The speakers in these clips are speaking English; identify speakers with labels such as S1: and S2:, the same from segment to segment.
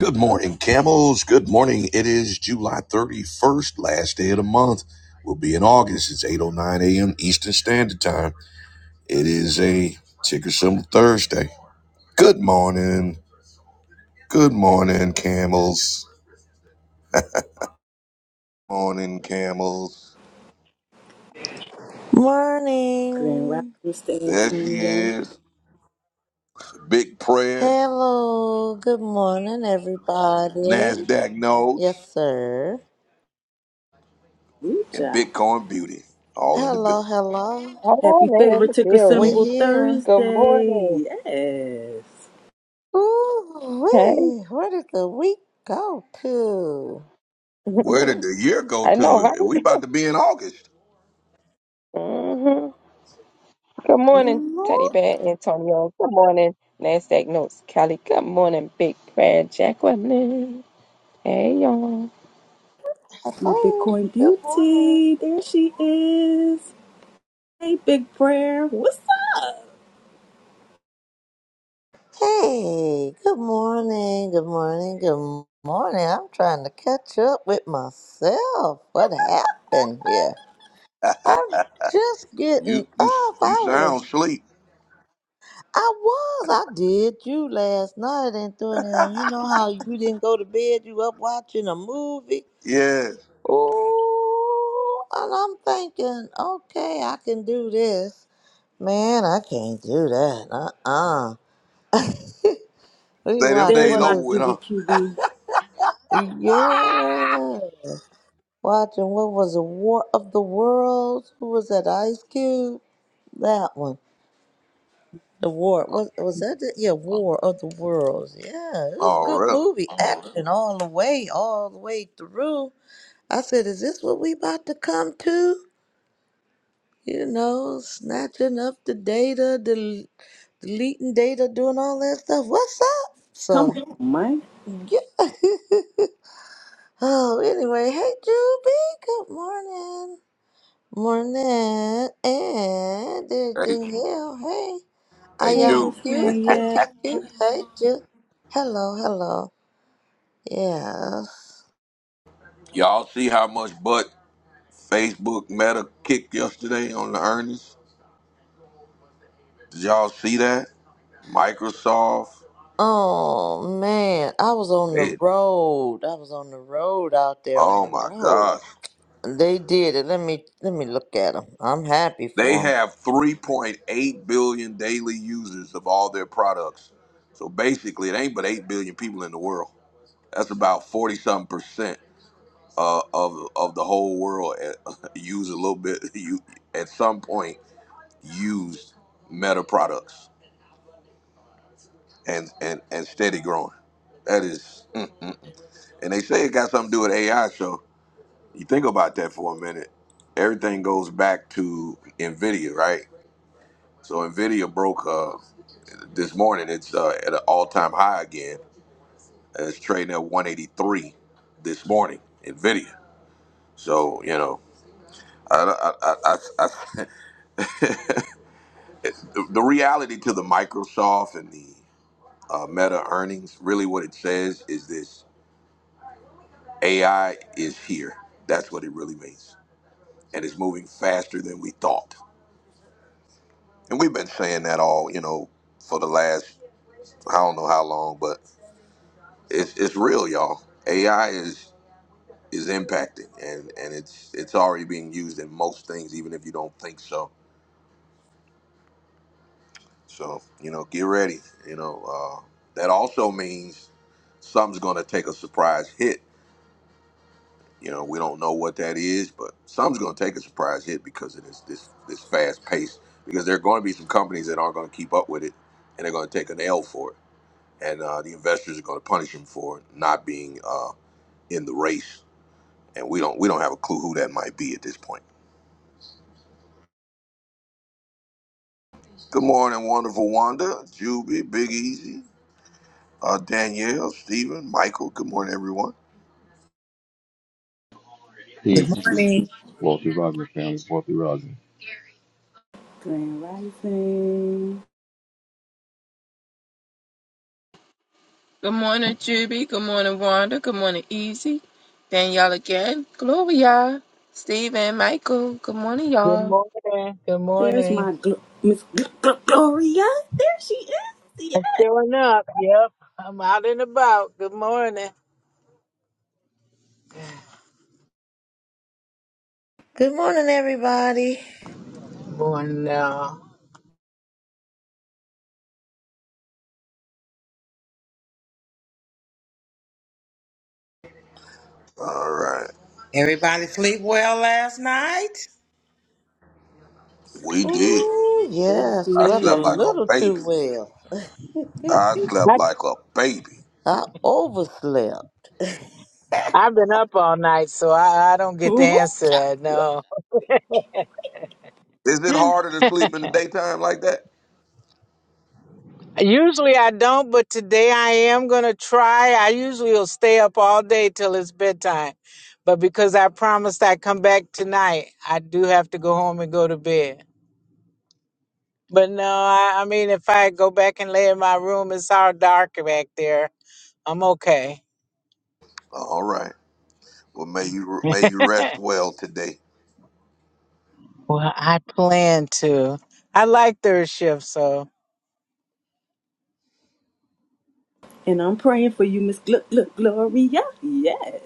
S1: Good morning, camels. Good morning. It is July 31st, last day of the month. We'll be in August. It's 8.09 a.m. Eastern Standard Time. It is a ticker symbol Thursday. Good morning. Good morning, camels. Morning, camels.
S2: Grand
S3: Morning.
S2: Rapids, San
S1: There she
S2: Antonio.
S1: is. Big prayer,
S3: Hello. Good morning, everybody.
S1: NASDAQ notes,
S3: Yes, sir.
S2: Good
S1: and
S2: job.
S1: Bitcoin beauty all in the
S3: Hello,
S1: building.
S3: hello.
S2: Happy
S4: All in
S2: Favorite
S4: the
S2: Ticker
S3: we
S4: building.
S2: Symbol
S3: here.
S4: Good morning.
S2: Thursday. Yes.
S3: Ooh,
S4: Hey.
S3: wee. Where did the week go to?
S1: Where did the year go
S4: I know,
S1: to?
S4: right?
S1: We about to be in August.
S4: hmm Good morning, Teddy
S3: Lord,
S4: Bear Antonio. Good morning, NASDAQ Notes Kelly. Good morning, Big Prayer Jacqueline. Hey, y'all.
S2: My
S3: hello.
S2: Bitcoin
S3: Good morning.
S2: beauty. There she is. Hey, Big Prayer. What's up?
S3: Hey, good morning. Good morning. Good morning. I'm trying to catch up with myself. What happened here? I'm just getting
S1: You you
S3: up.
S1: you
S3: I was
S1: sound sleep.
S3: I was. I did you last night, Antonio. You know how you didn't go to bed, you up watching a movie.
S1: Yeah.
S3: Ooh, and I'm thinking, okay, I can do this. Man, I can't do that. Uh-uh. We
S1: Say them
S3: watch
S2: There's
S1: days
S3: what
S2: my
S1: over
S3: is
S1: with, huh?
S2: Juby QB.
S3: yeah. Watching what was the War of the Worlds? Who was that? Ice Cube? That one. The War was was that the, yeah War of the Worlds yeah it was a
S1: Oh,
S3: good
S1: really?
S3: movie action all the way all the way through I said is this what we about to come to you know snatching up the data del- deleting data doing all that stuff what's up
S2: Come
S3: so
S2: on, Mike.
S3: yeah oh anyway hey Juby good morning morning and
S1: Hey,
S3: everything yeah hey I
S1: hey,
S2: Hey,
S3: am
S1: Jude,
S2: Miss
S3: Q, Q,
S2: Danielle.
S3: Q, Q. Hey, Ju. Hello, hello. Yeah.
S1: y'all see how much butt Facebook Meta kicked yesterday on the earnings? Did y'all see that? Microsoft,
S3: Oh, man. I was on the
S1: they,
S3: road. I was on the road out there on
S1: oh
S3: the
S1: my
S3: road.
S1: gosh.
S3: They did it. Let me let me look at them. I'm happy
S1: They
S3: for them.
S1: have 3.8 billion daily users of all their products. So basically, it ain't but 8 billion people in the world. That's about 40 something percent uh, of, of the whole world uh, use a little bit, you, at some point. used Meta products and and and steady growing. That is, mm, mm. and they say it got something to do with AI. So you think about that for a minute. Everything goes back to Nvidia, right? So Nvidia broke uh, this morning. It's uh, at an all-time high again. And It's trading at 183 this morning. Nvidia. So you know, I, I, I, I, I, the, the reality to the Microsoft and the uh, Meta earnings, really, what it says is this AI is here. That's what it really means. And it's moving faster than we thought. And we've been saying that all, you know, for the last I don't know how long, but it's it's real, y'all. AI is is impacting and, and it's it's already being used in most things, even if you don't think so. So, you know, get ready. You know, uh, that also means something's gonna take a surprise hit You know, we don't know what that is, but some's going to take a surprise hit because of this this this fast pace. Because there are going to be some companies that aren't going to keep up with it, and they're going to take an L for it, and uh, the investors are going to punish them for not being uh, in the race. And we don't we don't have a clue who that might be at this point. Good morning, wonderful Wanda, Juby, Big Easy, uh, Danielle, Stephen, Michael. Good morning, everyone.
S5: Page two.
S6: morning.
S5: Walter Robin family. Walter Robin.
S2: Grand Rising.
S4: Good morning, Juby. Good morning, Wanda. Good morning, Easy. Danielle again. Gloria. Steve and Michael. Good morning,
S7: Good
S4: y'all.
S7: morning. Good
S2: There's
S7: morning.
S2: my gl- Miss Gl- Gl- Gloria. There she is. Yes,
S7: I'm showing up. Yep. I'm out and about. Good morning.
S3: Good morning, everybody.
S7: Morning. no.
S1: All right,
S6: Everybody sleep well last night?
S1: we did.
S3: Ooh,
S2: yes
S3: yeah.
S1: I
S3: Slept a
S1: slept like
S2: ma'am.
S1: a
S3: little too
S1: baby.
S3: well.
S1: I slept
S7: I,
S1: like a baby.
S3: I overslept.
S7: I've been up all night, so I, I don't get to
S2: Ooh,
S7: answer that.
S2: child.
S7: No.
S1: Is it harder to sleep in the daytime like that?
S7: Usually I don't, but today I am going to try. I usually will stay up all day till it's bedtime. But because I promised I'd come back tonight, I do have to go home and go to bed. But no, I, I mean, if I go back and lay in my room, it's all dark back there. I'm okay.
S1: All right. Well, may you may you rest well today.
S7: Well, I plan to. I like third shift, so
S2: And I'm praying for you, Miss Gluck Gluck Gloria. Yes.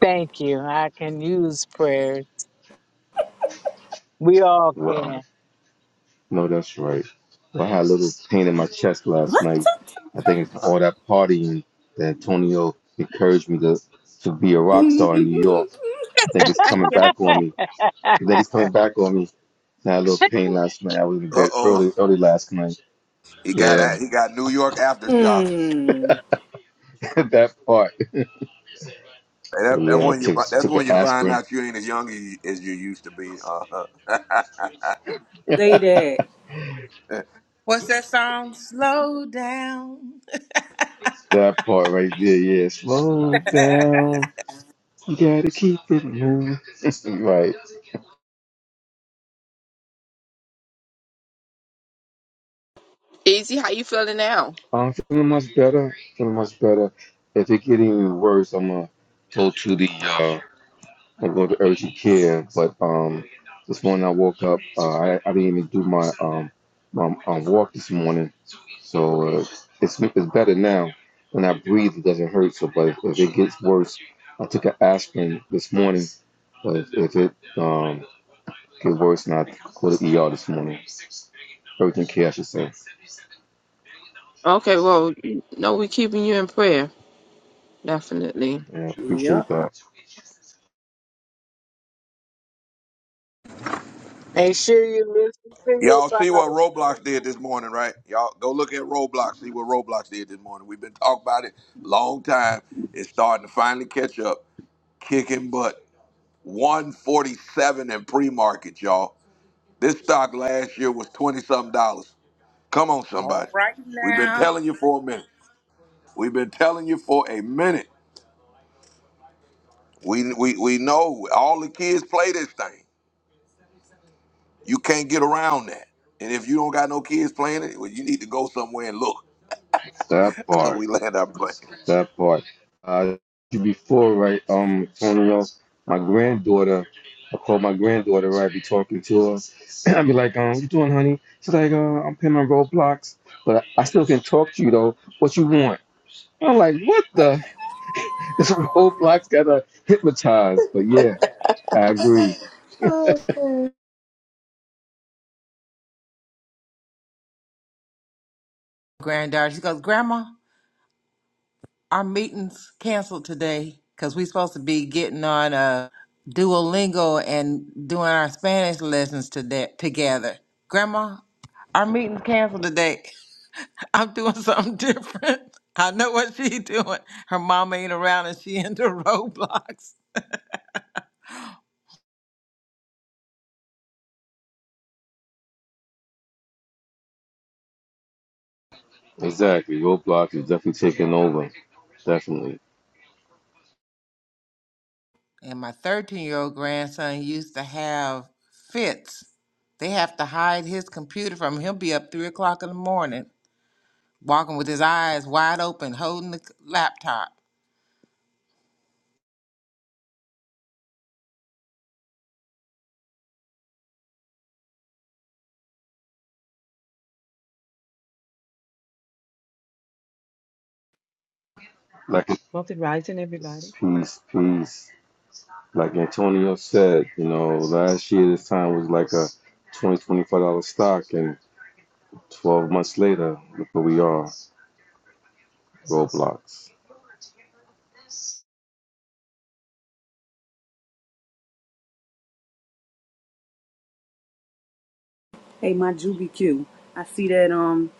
S7: thank you. I can use prayers. We all
S5: Wow.
S7: can.
S5: No, that's right. I had a little pain in my chest last
S2: What?
S5: night. I think it's all that partying that Antonio encouraged me to, to be a rock
S2: mm,
S5: star in New York. I think it's coming
S4: Yeah.
S5: back on me. I think it's coming back on me. I had a little pain last night. I was in
S1: Uh
S5: bed
S1: oh,
S5: early, early last night.
S1: he got
S5: Yeah,
S1: a- he got New York aftershocks.
S5: that part.
S1: Hey, That,
S5: So
S1: that's
S5: yeah, I
S1: when you
S5: took
S1: fi- that's
S5: took
S1: when
S5: an
S1: you find
S5: aspirin.
S1: out you ain't as young as you, as you used to be. Uh-huh.
S2: say that.
S6: What's that song? Slow down.
S5: That part right there, yeah. Slow down. You gotta keep it moving. right.
S4: Easy, how you feeling now?
S5: I'm feeling much better. Feeling much better. If it get any worse, I'm gonna go to the uh, I'm gonna go to urgent care. But um, this morning I woke up. Uh, I I didn't even do my um my um, walk this morning, so uh, it's it's better now. When I breathe, it doesn't hurt. So, but if, if it gets worse, I took an aspirin this morning. But if, if it um get worse, then I go to ER this morning. Urgent care, I should say.
S4: Okay, well, you know we're keeping you in prayer. Definitely.
S5: Yeah, appreciate
S2: Yup.
S5: that.
S7: Make sure you listen to
S1: Y'all
S7: your
S1: see what
S7: body.
S1: Roblox did this morning, right? Y'all go look at Roblox. See what Roblox did this morning. We've been talking about it long time. It's starting to finally catch up, kicking butt. 147 in pre-market, y'all. This stock last year was twenty something dollars. Come on,
S6: All
S1: somebody.
S6: right
S1: We've been
S6: now.
S1: telling you for a minute. We've been telling you for a minute. We we we know all the kids play this thing. You can't get around that. And if you don't got no kids playing it, well, you need to go somewhere and look.
S5: That part.
S1: we land our plane.
S5: That part. Uh, you before, right, um, Antonio, my granddaughter, I call my granddaughter, right, be talking to her. i be like, um, what you doing, honey? She's like, uh, I'm playing my Roblox, but I, I still can talk to you, though. What you want? I'm like, what the? This Roblox got to hypnotize." But yeah, I agree.
S3: Okay.
S6: Granddaughter, she goes, Grandma, our meeting's canceled today because we're supposed to be getting on uh, Duolingo and doing our Spanish lessons today together. Grandma, our meeting's canceled today. I'm doing something different. I know what she's doing. Her mama ain't around and she into Roblox.
S5: Exactly. Roblox is definitely taking over. Definitely.
S6: And my 13 year old grandson used to have fits. They have to hide his computer from him. He'll be up three o'clock in the morning, walking with his eyes wide open, holding the c- laptop.
S5: Like,
S8: Wealthy rising, everybody.
S5: peace, peace. Like Antonio said, you know, last year this time was like a 20 $25 stock, and 12 months later, look where we are Roblox.
S2: Hey, my Juby Q. I see that um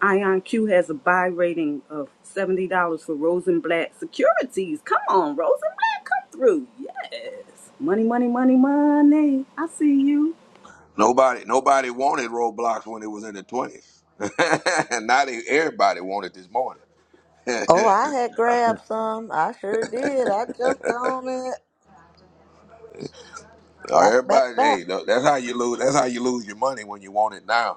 S2: Ion Q has a buy rating of seventy dollars for Rosenblatt Securities. Come on, Rosenblatt, come through. Yes. Money, money, money, money. I see you.
S1: Nobody nobody wanted Roblox when it was in the twenties. Now they everybody wanted this morning.
S3: Oh, I had grabbed some. I sure did. I jumped on it. Back, back,
S1: Everybody,
S3: back.
S1: hey, that's how you lose. That's how you lose your money when you want it now.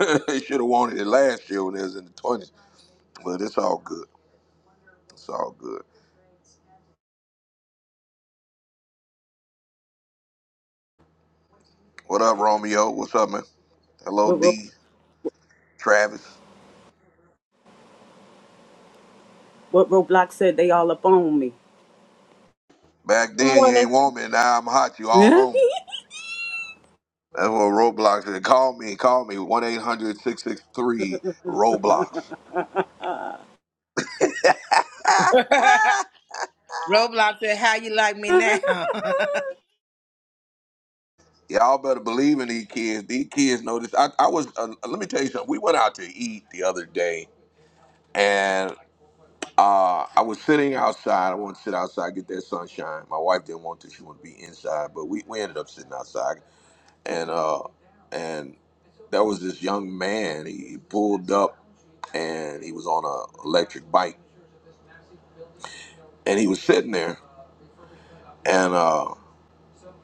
S1: they should have wanted it last year when it was in the twenties, but it's all good. It's all good. What up, Romeo? What's up, man? Hello,
S2: What Ro-
S1: D. Travis.
S2: what Roblox said they all up on me.
S1: Back
S4: Good
S1: then you
S4: morning.
S1: ain't want me, now I'm hot. You all on. me. That's what Roblox is. Call me, call me. 1-800-663-ROBLOX.
S6: Roblox said, "How you like me now?"
S1: Y'all better believe in these kids. These kids know this. I, I was, uh, let me tell you something. We went out to eat the other day Uh, I was sitting outside. I wanted to sit outside, get that sunshine. My wife didn't want to. She wanted to be inside, but we, we ended up sitting outside. And uh, and there was this young man. He, he pulled up and he was on a electric bike and he was sitting there. And uh,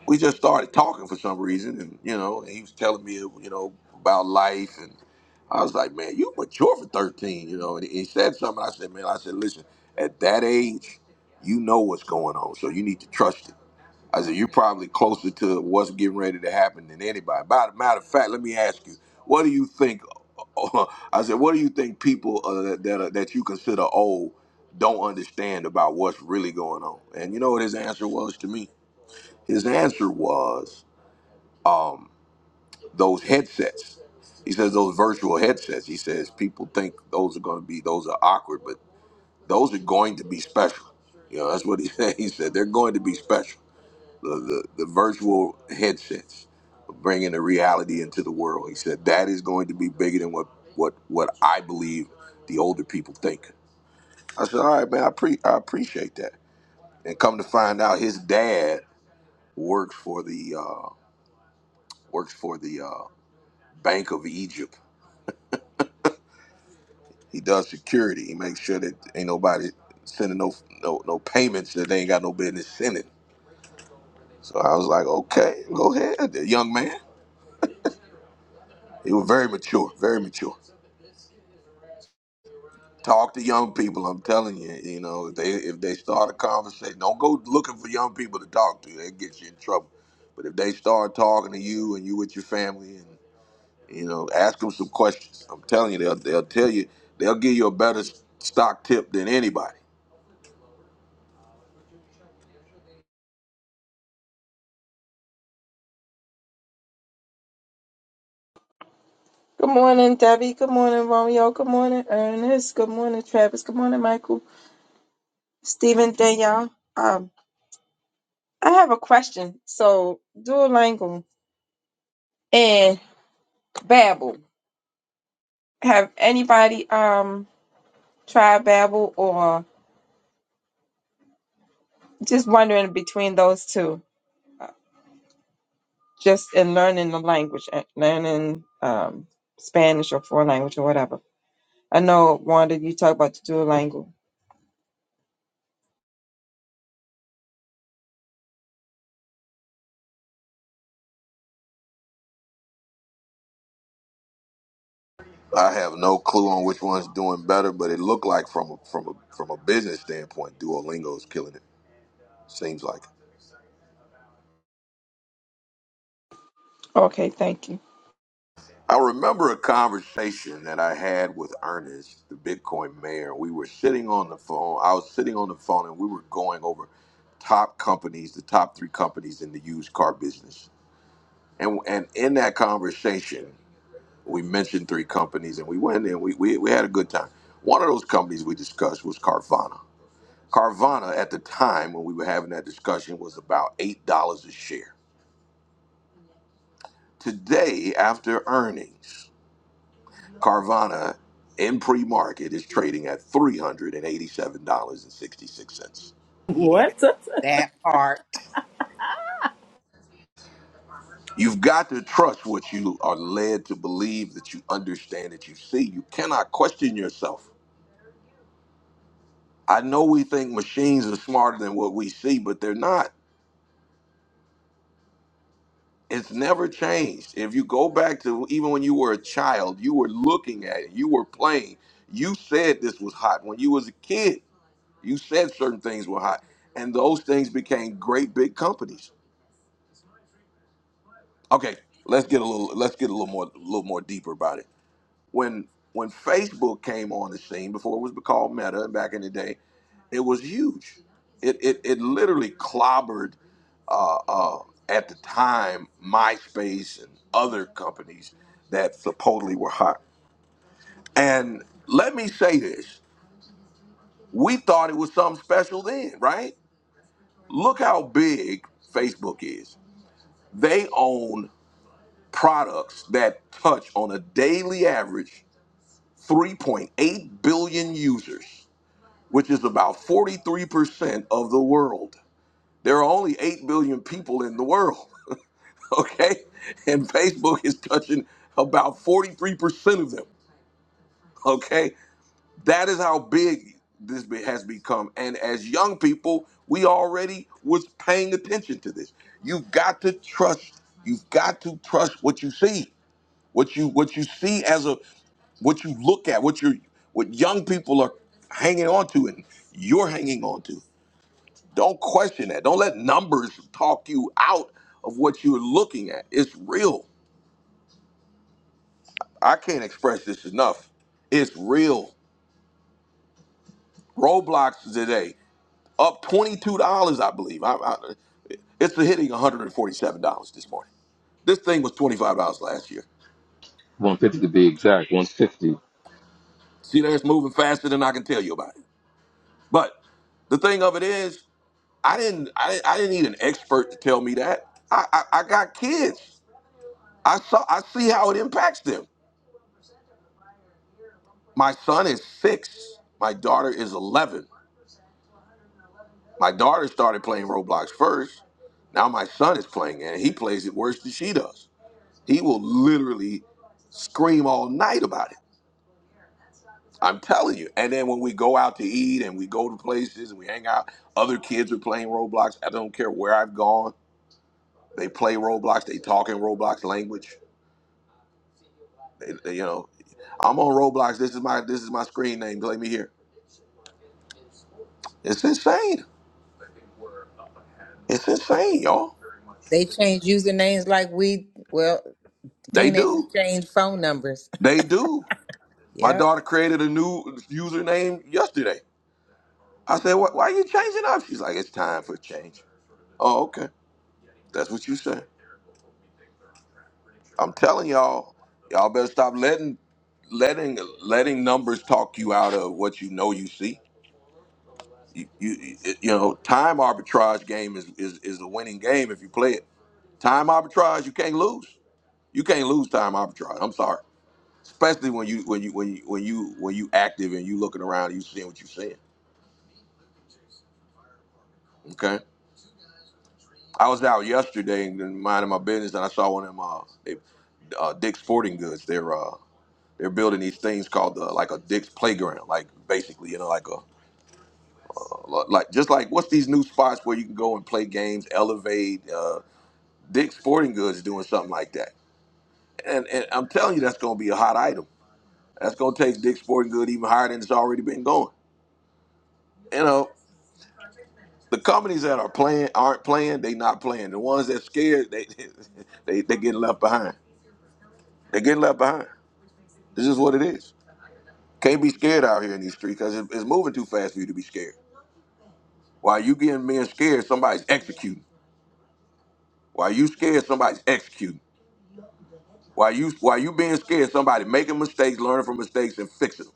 S1: we just started talking for some reason, and you know, and he was telling me, you know, about life, and I was like, man, you mature for thirteen, you know. And he said something. I said, man, I said, listen, at that age, you know what's going on, so you need to trust it. I said, you're probably closer to what's getting ready to happen than anybody. By the matter of fact, let me ask you, what do you think? I said, what do you think people uh, that are, that you consider old don't understand about what's really going on? And you know what his answer was to me? His answer was um, those headsets. He says those virtual headsets. He says people think those are going to be those are awkward, but those are going to be special. You know, that's what he said. He said they're going to be special. The the, the virtual headsets bringing the reality into the world. He said that is going to be bigger than what what what I believe the older people think. I said, all right, man, I, pre- I appreciate that. And come to find out, his dad works for the uh, works for the uh, Bank of Egypt. He does security. He makes sure that ain't nobody sending no no no payments that they ain't got no business sending. So I was like, okay, go ahead, the young man. He was very mature, very mature. Talk to young people. I'm telling you, you know, if they if they start a conversation, don't go looking for young people to talk to. That gets you in trouble. But if they start talking to you and you with your family, and you know, ask them some questions. I'm telling you, they'll they'll tell you, they'll give you a better stock tip than anybody.
S4: Good morning, Debbie. Good morning, Romeo. Good morning, Ernest. Good morning, Travis. Good morning, Michael. Stephen, Danielle. Um, I have a question. So, Duolingo and Babbel. Have anybody um tried Babbel or just wondering between those two, just in learning the language, uh, learning um Spanish or foreign language or whatever? I know, Wanda, you talk about the Duolingo.
S1: I have no clue on which one's doing better, but it looked like from a, from a, from a business standpoint, Duolingo's killing it. Seems like.
S4: Okay, thank you.
S1: I remember a conversation that I had with Ernest, the Bitcoin mayor. We were sitting on the phone. I was sitting on the phone, and we were going over top companies, the top three companies in the used car business. And and in that conversation, we mentioned three companies, and we went and we we, we had a good time. One of those companies we discussed was Carvana Carvana at the time when we were having that discussion was about $8 a share. Today, after earnings, Carvana in pre market is trading at $387.66.
S6: yeah,
S2: what?
S6: that part.
S1: You've got to trust what you are led to believe, that you understand, that you see. You cannot question yourself. I know we think machines are smarter than what we see, but they're not. it's never changed. If you go back to even when you were a child, you were looking at it, you were playing. You said this was hot when you was a kid. You said certain things were hot, and those things became great big companies. Okay, let's get a little let's get a little more a little more deeper about it. When when Facebook came on the scene before it was called Meta back in the day, it was huge. It it, it literally clobbered. uh, uh, at the time MySpace and other companies that supposedly were hot. And let me say this: we thought it was something special then, right? Look how big Facebook is. They own products that touch on a daily average 3.8 billion users, which is about 43% of the world. There are only 8 billion people in the world. okay? And Facebook is touching about 43% of them, okay? That is how big this be- has become. And as young people, we already was paying attention to this. You've got to trust. You've got to trust what you see. What you what you see as a what you look at, what you what young people are hanging on to and you're hanging on to. Don't question that. Don't let numbers talk you out of what you're looking at. It's real. I can't express this enough. It's real. Roblox today up twenty two dollars, I believe. I, I, it's hitting one hundred and forty seven dollars this morning. This thing was twenty five dollars last year.
S5: 150 to be exact, 150.
S1: See, there, it's moving faster than I can tell you about it. But the thing of it is, I didn't, I didn't, I didn't need an expert to tell me that. I, I, I got kids. I saw, I see how it impacts them. My son is six. My daughter is eleven. My daughter started playing Roblox first. Now my son is playing it, and he plays it worse than she does. He will literally scream all night about it. I'm telling you. And then when we go out to eat and we go to places and we hang out, other kids are playing Roblox. I don't care where I've gone. They play Roblox. They talk in Roblox language. They- they- you know, I'm on Roblox. This is my this is my screen name. Play me here. It's insane. It's
S6: Yep.
S1: insane, y'all.
S6: They change usernames like we. Well,
S1: They
S6: teenagers
S1: do.
S6: change phone numbers.
S1: They do. My
S6: Yep.
S1: daughter created a new username yesterday. I said, "Why why are you changing up?" She's like, "It's time for a change." Oh, okay. That's what you say. I'm telling y'all, y'all better stop letting letting letting numbers talk you out of what you know you see. You you, you know, time arbitrage game is, is is a winning game if you play it. Time arbitrage, you can't lose. You can't lose time arbitrage. I'm sorry, especially when you when you when you when you when you active and you looking around, and you seeing what you seeing. Okay. I was out yesterday and minding my business, and I saw one of them. Uh, they, uh, Dick's Sporting Goods. They're uh, they're building these things called uh, like a Dick's Playground, like basically, you know, like a, a- like just like what's these new spots where you can go and play games, elevate. Uh, Dick's Sporting Goods is doing something like that, and and I'm telling you, that's going to be a hot item. That's going to take Dick's Sporting Good even higher than it's already been going. You know. The companies that are playing aren't playing. They not playing. The ones that scared, they they they getting left behind. They getting left behind. This is what it is. Can't be scared out here in these streets because it's moving too fast for you to be scared. While you getting being scared, somebody's executing. While you scared, somebody's executing. While you while you being scared, somebody making mistakes, learning from mistakes, and fixing them.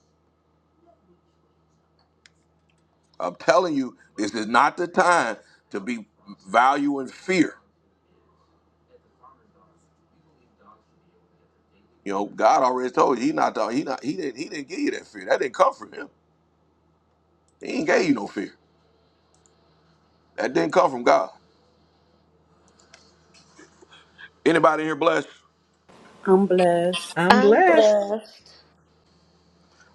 S1: I'm telling you, this is not the time to be valuing fear. You know, God already told you he not talking. He not he didn't he didn't give you that fear. That didn't come from him. He ain't gave you no fear. That didn't come from God. Anybody in here blessed?
S2: I'm blessed.
S8: I'm
S3: I'm
S8: blessed.
S3: blessed.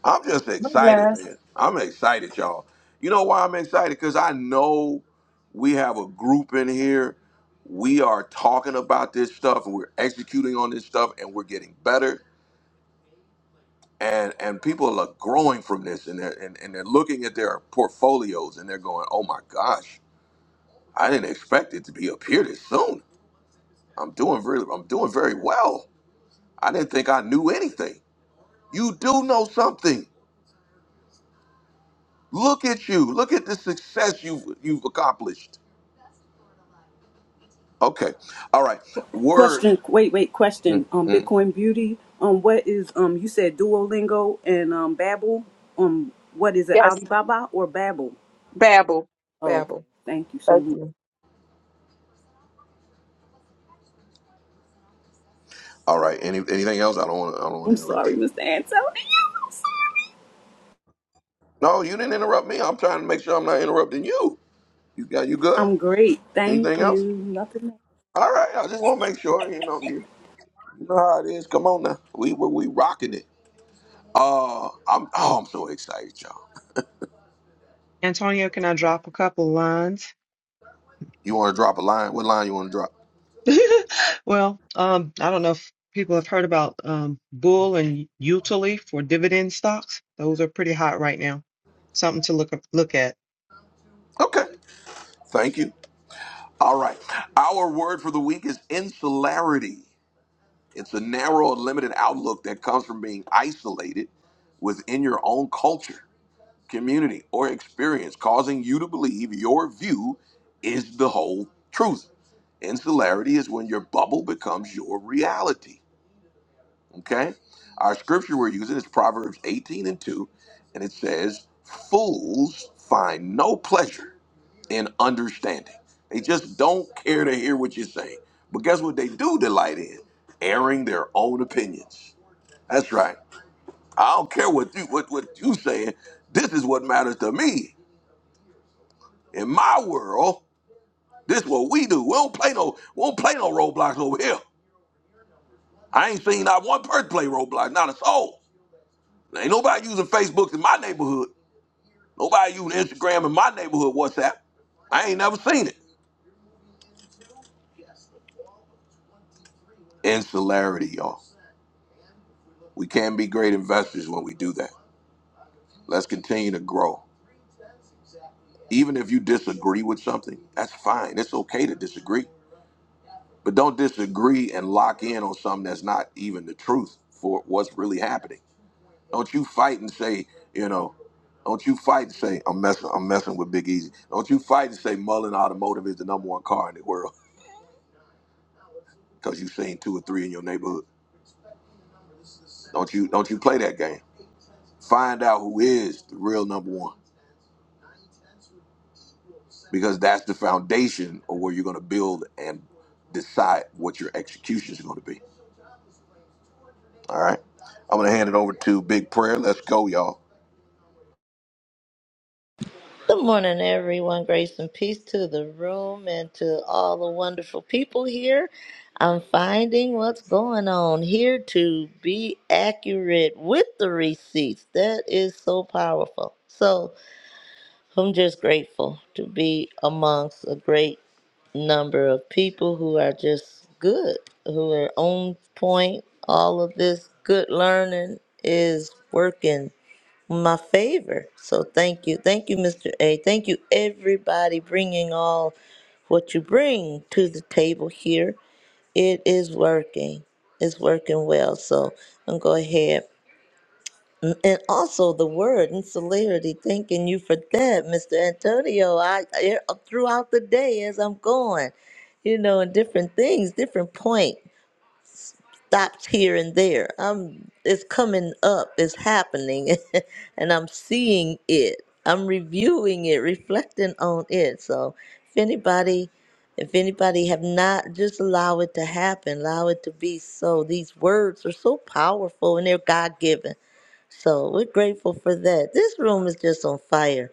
S1: I'm just
S4: My
S1: excited,
S4: last.
S1: man. I'm excited, y'all. You know why I'm excited? Because I know we have a group in here. We are talking about this stuff and we're executing on this stuff and we're getting better. And and people are growing from this and they're and, and they're looking at their portfolios and they're going, Oh my gosh, I didn't expect it to be up here this soon. I'm doing very I'm doing very well. I didn't think I knew anything. You do know something. Look at you. Look at the success you've you've accomplished. Okay. All right. Word.
S2: Question. Wait, wait.
S1: Mm,
S2: Question. Um,
S1: mm.
S2: Bitcoin Beauty. Um, what is um? You said Duolingo and um Babbel. Um, what is it?
S4: Yes,
S2: Alibaba or Babbel?
S4: Babbel.
S2: Oh, okay.
S4: Babbel.
S2: Thank you so
S4: Thank
S2: much.
S4: you.
S1: All right. Any, anything else? I don't want. I don't want
S2: I'm
S1: to interrupt
S2: sorry,
S1: you.
S2: Mr. Antonio. I'm sorry.
S1: No, you didn't interrupt me. I'm trying to make sure I'm not interrupting you. You got you good?
S2: I'm great. Thank
S1: Anything
S2: you.
S1: else?
S2: Nothing. Else.
S1: All right. I just want to make sure. You know. You, you know how it is. Come on now. We we, we rocking it. Uh, I'm. Oh, I'm so excited, y'all.
S8: Antonio, can I drop a couple lines?
S1: You want to drop a line? What line you want to drop?
S8: well, um, I don't know if people have heard about um, Bull and Utile for dividend stocks. Those are pretty hot right now. Something to look look at.
S1: Okay. Thank you. All right. Our word for the week is insularity. It's a narrow and limited outlook that comes from being isolated within your own culture, community, or experience, causing you to believe your view is the whole truth. Insularity is when your bubble becomes your reality. Okay? Our scripture we're using is Proverbs 18 and 2, and it says, Fools find no pleasure in understanding. They just don't care to hear what you're saying. But guess what they do delight in? Airing their own opinions. That's right. I don't care what you what, what you saying. This is what matters to me. In my world, this is what we do. We don't play no we don't play no roadblocks over here. I ain't seen not one person play roadblocks, not a soul. Ain't nobody using Facebook in my neighborhood. Nobody using Instagram in my neighborhood, WhatsApp. I ain't never seen it. Insularity, y'all. We can be great investors when we do that. Let's continue to grow. Even if you disagree with something, that's fine. It's okay to disagree. But don't disagree and lock in on something that's not even the truth for what's really happening. Don't you fight and say, you know, don't you fight and say, I'm messing, I'm messing with Big Easy. Don't you fight and say Mullen Automotive is the number one car in the world because you've seen two or three in your neighborhood. Don't you don't you play that game. Find out who is the real number one. Because that's the foundation of where you're gonna build and decide what your execution is gonna be. All right. I'm gonna hand it over to Big Prayer. Let's go, y'all.
S3: Good morning, everyone. Grace and peace to the room and to all the wonderful people here. I'm finding what's going on here to be accurate with the receipts. That is so powerful. So I'm just grateful to be amongst a great number of people who are just good, who are on point. All of this good learning is working my favor. So thank you. Thank you, Mr. A. Thank you, everybody, bringing all what you bring to the table here. It is working. It's working well. So I'm go ahead. And and also the word and celerity. Thanking you for that, Mr. Antonio. I I- throughout the day as I'm going, you know, and different things, different point stops here and there. I'm it's coming up, it's happening, and I'm seeing it. I'm reviewing it, reflecting on it. So if anybody if anybody have not just allow it to happen, allow it to be so. These words are so powerful and they're God given. So we're grateful for that. This room is just on fire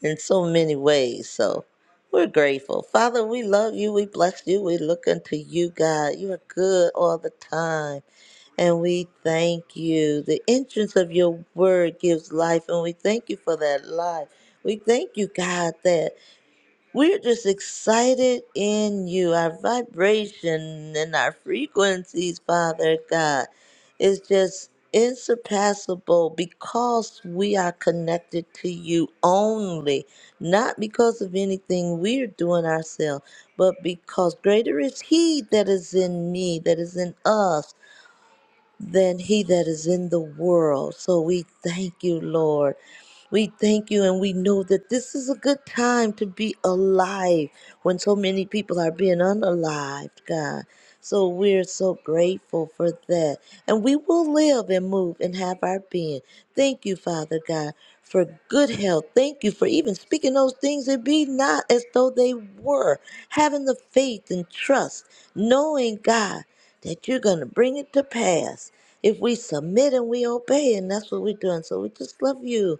S3: in so many ways. So we're grateful. Father, we love you. We bless you. We look unto you, God. You are good all the time. And we thank you. The entrance of your word gives life, and we thank you for that life. We thank you, God, that we're just excited in you. Our vibration and our frequencies, Father God, is just insurpassable because we are connected to you only, not because of anything we're doing ourselves, but because greater is He that is in me, that is in us than he that is in the world. So we thank you, Lord. We thank you, and we know that this is a good time to be alive when so many people are being unalived, God. So we're so grateful for that. And we will live and move and have our being. Thank you, Father God for good health. Thank you for even speaking those things that be not as though they were. Having the faith and trust, knowing God that you're going to bring it to pass. If we submit and we obey, and that's what we're doing. So we just love you.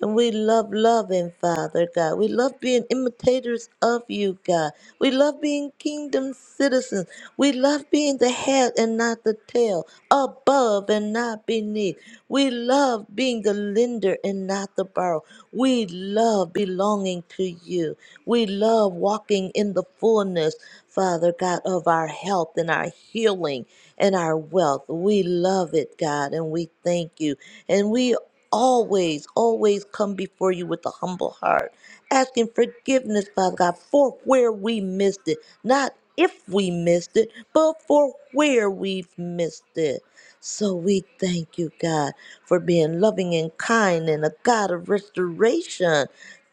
S3: And we love loving, Father God. We love being imitators of you, God. We love being kingdom citizens. We love being the head and not the tail, above and not beneath. We love being the lender and not the borrower. We love belonging to you. We love walking in the fullness, Father God, of our health and our healing and our wealth. We love it, God, and we thank you. And we always, always come before you with a humble heart, asking forgiveness, Father God, for where we missed it. Not if we missed it, but for where we've missed it. So we thank you, God, for being loving and kind and a God of restoration.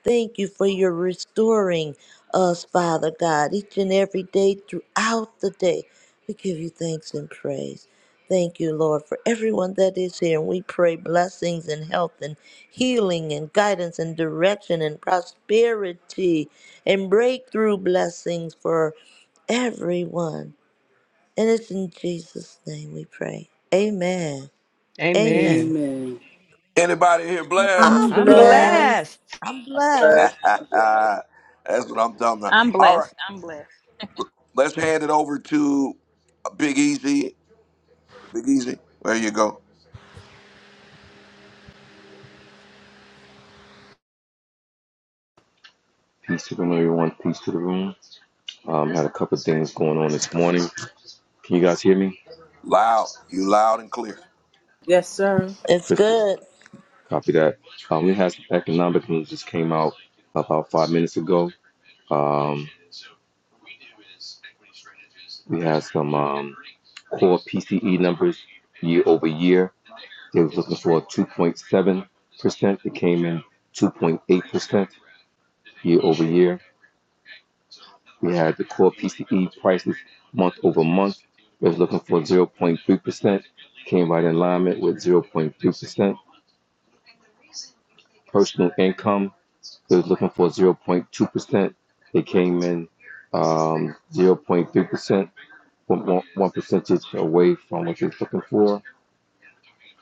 S3: Thank you for your restoring us, Father God, each and every day throughout the day. We give you thanks and praise. Thank you, Lord, for everyone that is here. And we pray blessings and health and healing and guidance and direction and prosperity and breakthrough blessings for everyone. And it's in Jesus' name we pray. Amen. Amen.
S8: Amen.
S2: Amen.
S1: Anybody here blind?
S2: I'm
S3: I'm
S8: I'm
S9: Man,
S2: blessed.
S3: blessed.
S8: blessed.
S3: I'm
S9: I'm glad.
S1: That's
S3: blessed.
S9: I'm glad.
S1: what I'm talking about.
S10: I'm
S1: All right,
S10: blessed. I'm blessed.
S1: let's hand it over to Big Easy. Big Easy, there you go.
S5: Peace to the room, everyone. Peace to the room. Um, had a couple of things going on this morning. Can you guys hear me?
S1: Loud, you loud and clear.
S2: Yes, sir.
S3: It's
S5: Crystal,
S3: good.
S5: copy that. Um, we had some economic news just came out about five minutes ago. Um, we had some um, core PCE numbers year over year. They was looking for 2.7%. It came in 2.8% year over year. We had the core PCE prices month over month. They was looking for 0.3%. Came right in alignment with 0.3%. Personal income, they was looking for 0.2%. They came in um, 0.3%, one one percentage away from what they was looking for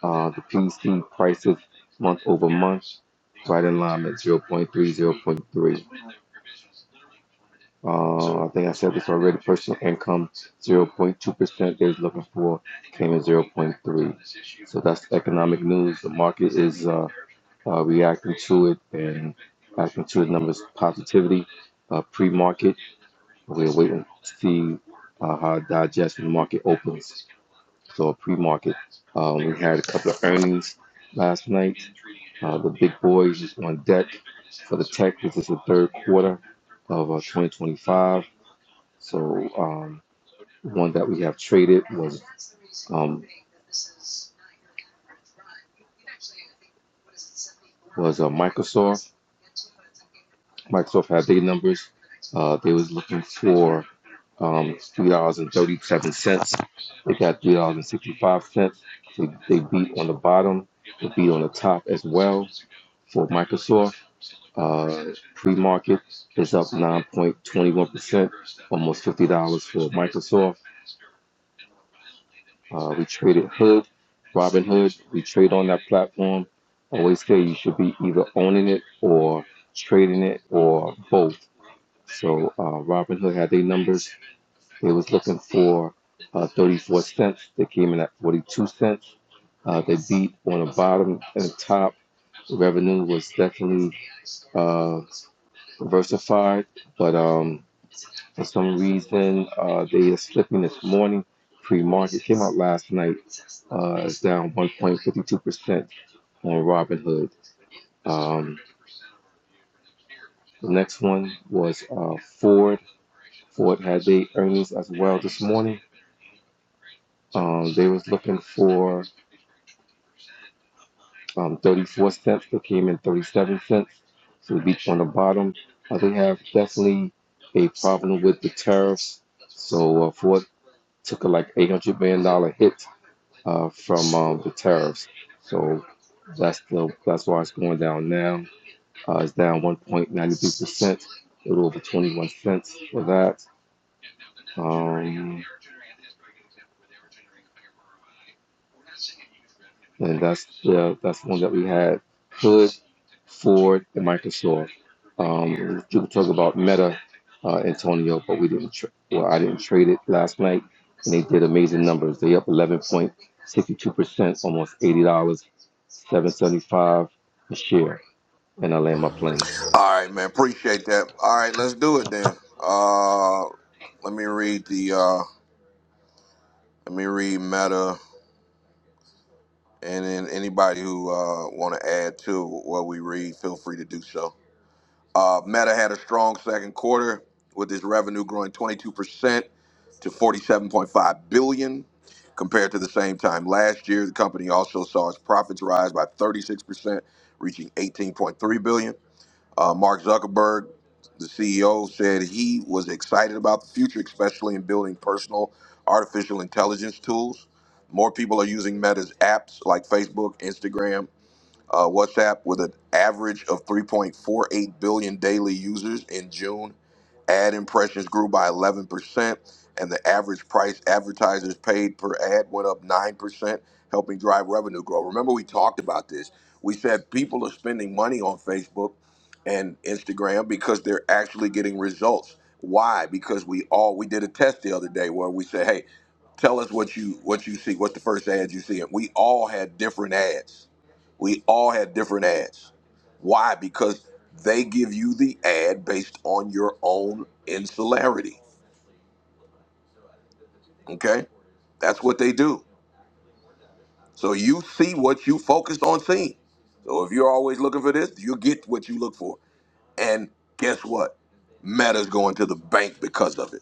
S5: Uh, the clean prices month over month, right in line at zero point three zero point three. Uh, I think I said this already. Personal income 0.2% they was looking for came in zero point 0.3. So that's economic news. The market is uh, uh, reacting to it and reacting to the numbers positivity. Uh, pre-market, we're waiting to see uh, how digestion market opens. So a pre-market, um, we had a couple of earnings last night. Uh, the big boys is on deck for the tech. This is the third quarter of uh, 2025. So um, one that we have traded was Microsoft. Microsoft had their numbers. Uh, they was looking for um, three dollars and thirty-seven cents. They got three dollars and sixty-five cents. They, they beat on the bottom. They beat on the top as well for Microsoft. Uh, pre-market is up 9.21 percent, almost fifty dollars for Microsoft. Uh, we traded Hood, Robin Hood. We trade on that platform. always say you should be either owning it or trading it or both. So uh, Robin Hood had their numbers. They was looking for uh, 34 cents. They came in at 42 cents. Uh, they beat on the bottom and the top. Revenue was definitely uh, diversified, but um, for some reason uh, they are slipping this morning. Pre-market came out last night uh, it's down 1.52% on Robinhood. Um, the next one was uh, Ford. Ford had their earnings as well this morning. Um, they was looking for um, 34 cents. They came in 37 cents. So we beat on the bottom. Uh, they have definitely a problem with the tariffs. So uh, Ford took a like $800 million dollar hit uh, from um, the tariffs. So that's the that's why it's going down now. Uh, it's down 1.93%, a little over 21 cents for that. Um, and that's the that's the one that we had. Hood, Ford, and Microsoft. Um, you could talk about Meta, uh, Antonio, but we didn't. Tra- well, I didn't trade it last night, and they did amazing numbers. They up 11.62%, almost eighty dollars, 7.75 a share. And I land my plane.
S1: All right, man, appreciate that. All right, let's do it then. Uh, let me read the uh, let me read Meta, and then anybody who uh want to add to what we read, feel free to do so. Uh, Meta had a strong second quarter with its revenue growing 22% to 47.5 billion dollars compared to the same time last year. The company also saw its profits rise by 36%, reaching 18.3 billion. dollars. Uh, Mark Zuckerberg, the CEO, said he was excited about the future, especially in building personal artificial intelligence tools. More people are using Meta's apps like Facebook, Instagram, uh, WhatsApp with an average of 3.48 billion daily users in June. Ad impressions grew by 11%, and the average price advertisers paid per ad went up 9%, helping drive revenue growth. Remember, we talked about this. We said people are spending money on Facebook and Instagram because they're actually getting results. Why? Because we all we did a test the other day where we said, "Hey, tell us what you what you see. What's the first ad you see?" And we all had different ads we all have different ads. Why? Because they give you the ad based on your own insularity. Okay? That's what they do. So you see what you focused on seeing. So if you're always looking for this, you get what you look for. And guess what? Meta's going to the bank because of it.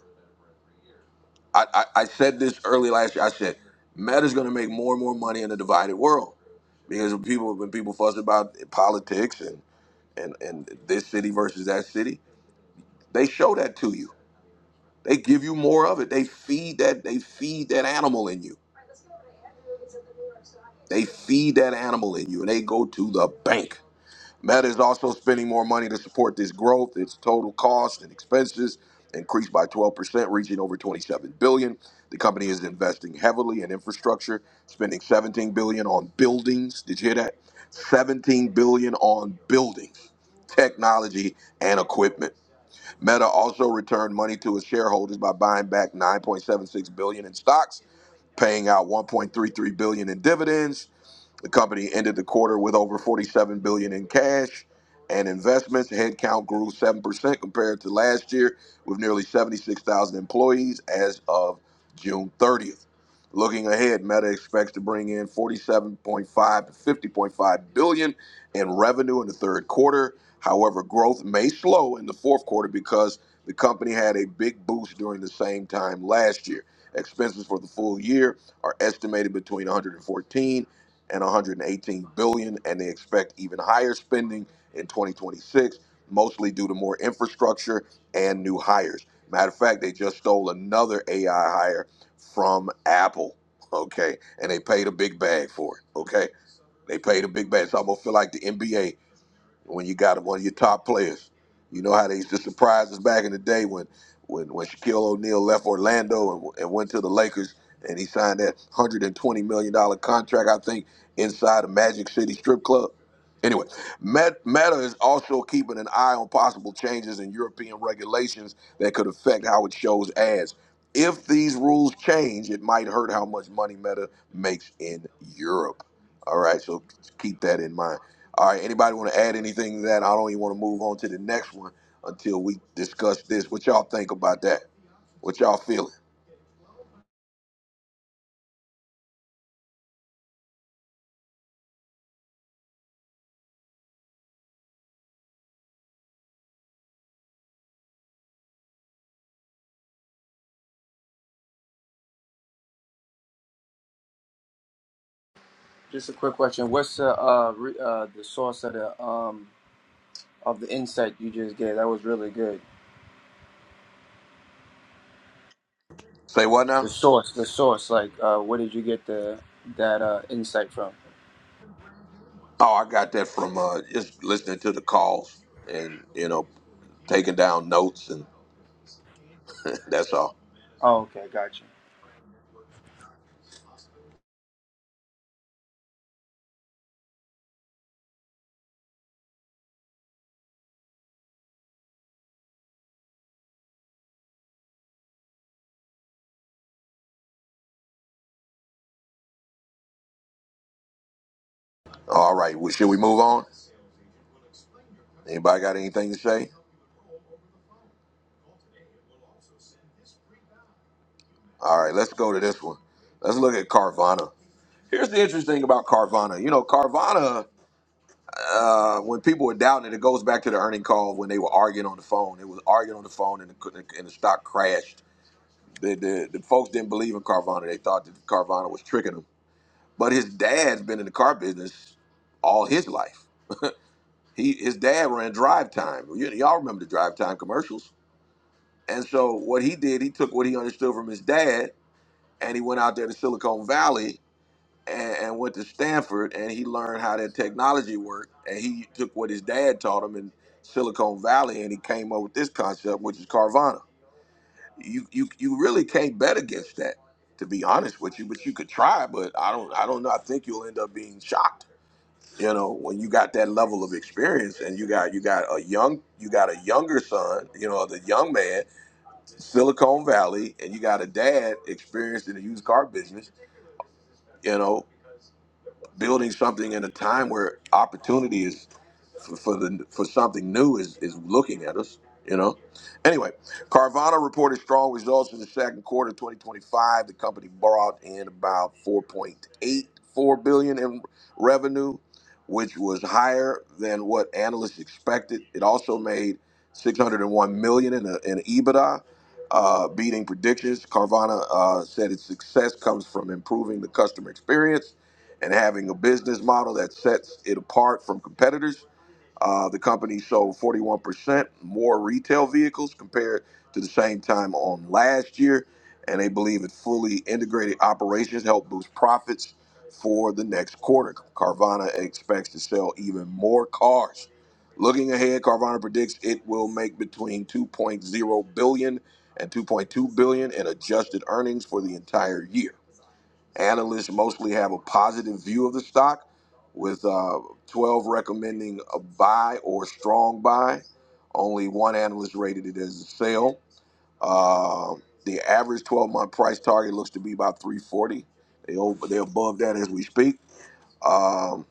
S1: I, I, I said this early last year. I said Meta's going to make more and more money in a divided world because when people when people fuss about politics and, and, and this city versus that city, They show that to you. They give you more of it. They feed that. They feed that animal in you. They feed that animal in you, and they go to the bank. Meta is also spending more money to support this growth. Its total cost and expenses increased by 12%, reaching over 27 billion. The company is investing heavily in infrastructure, spending 17 billion on buildings. Did you hear that? 17 billion on buildings, technology, and equipment. Meta also returned money to its shareholders by buying back 9.76 billion dollars in stocks, paying out 1.33 billion dollars in dividends, the company ended the quarter with over 47 billion dollars in cash and investments. Headcount grew 7% compared to last year with nearly 76,000 employees as of June 30th. Looking ahead, Meta expects to bring in 47.5 to 50.5 billion in revenue in the third quarter. However, growth may slow in the fourth quarter because the company had a big boost during the same time last year. Expenses for the full year are estimated between 114 and 118 billion dollars, and they expect even higher spending in 2026 mostly due to more infrastructure and new hires matter of fact they just stole another ai hire from apple okay and they paid a big bag for it okay they paid a big bag It's almost feel like the nba when you got one of your top players. You know how they used to surprise us back in the day when when, when Shaquille O'Neal left Orlando and, and went to the Lakers and he signed that one hundred and twenty million dollar contract, I think, inside a Magic City strip club. Anyway, Met- Meta is also keeping an eye on possible changes in European regulations that could affect how it shows ads. If these rules change, it might hurt how much money Meta makes in Europe. All right, so keep that in mind. All right, anybody want to add anything to that? I don't even want to move on to the next one until we discuss this. What y'all think about that? What y'all feeling?
S9: Just a quick question. What's the uh, re- uh the source of the um of the insight you just gave? That was really good.
S1: Say what
S9: The
S1: now?
S9: source, the source. Like, uh, where did you get the that uh insight from?
S1: Oh, I got that from uh, just listening to the calls and you know taking down notes and that's all.
S9: Oh, okay, gotcha.
S1: All right, well, should we move on? Anybody got anything to say? All right, let's go to this one. Let's look at Carvana. Here's the interesting thing about Carvana. You know, Carvana. uh, when people were doubting it, it goes back to the earning call when they were arguing on the phone. It was arguing on the phone, and the, and the stock crashed. The, the the folks didn't believe in Carvana. They thought that Carvana was tricking them. But his dad's been in the car business all his life. He his dad ran Drive Time. You, y'all remember the Drive Time commercials? And so what he did, he took what he understood from his dad, and he went out there to Silicon Valley and, and went to Stanford, and he learned how that technology worked, and he took what his dad taught him in Silicon Valley, and he came up with this concept, which is Carvana. You you you really can't bet against that, to be honest with you. But you could try, but I don't I don't know. I think you'll end up being shocked. You know, when you got that level of experience, and you got you got a young you got a younger son, you know, the young man, Silicon Valley, and you got a dad experienced in the used car business. You know, building something in a time where opportunity is for, for the for something new is is looking at us. You know. Anyway, Carvana reported strong results in the second quarter of 2025. The company brought in about 4.84 billion dollars in revenue, which was higher than what analysts expected. It also made 601 million dollars in, a, in EBITDA, uh, beating predictions. Carvana uh, said its success comes from improving the customer experience and having a business model that sets it apart from competitors. Uh, the company sold 41% more retail vehicles compared to the same time on last year, and they believe its fully integrated operations help boost profits for the next quarter. Carvana expects to sell even more cars. Looking ahead, Carvana predicts it will make between 2.0 billion and 2.2 billion in adjusted earnings for the entire year. Analysts mostly have a positive view of the stock, with uh, 12 recommending a buy or strong buy. Only one analyst rated it as a sell. Uh, the average 12 month price target looks to be about 340. They over, they're above that as we speak. Um,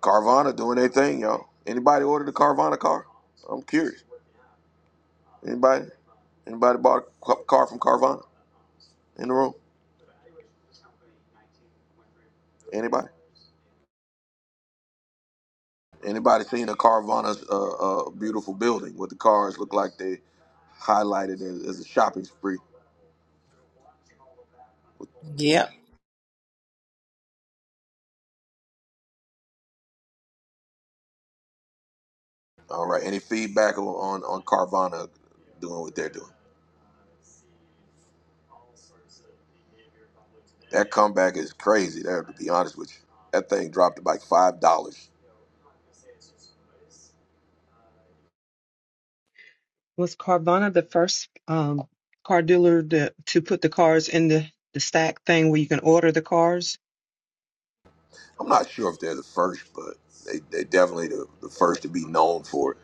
S1: Carvana doing their thing, y'all. Anybody ordered a Carvana car? I'm curious. Anybody? Anybody bought a ca- car from Carvana in the room? Anybody? Anybody seen a Carvana's uh, uh, beautiful building? What the cars look like? They highlighted as, as a shopping spree.
S6: Yep.
S1: All right. Any feedback on, on on Carvana doing what they're doing? That comeback is crazy. There, to be honest with you, that thing dropped to like five dollars.
S8: Was Carvana the first um, car dealer to, to put the cars in the, the stack thing where you can order the cars?
S1: I'm not sure if they're the first, but they they definitely the, the first to be known for it.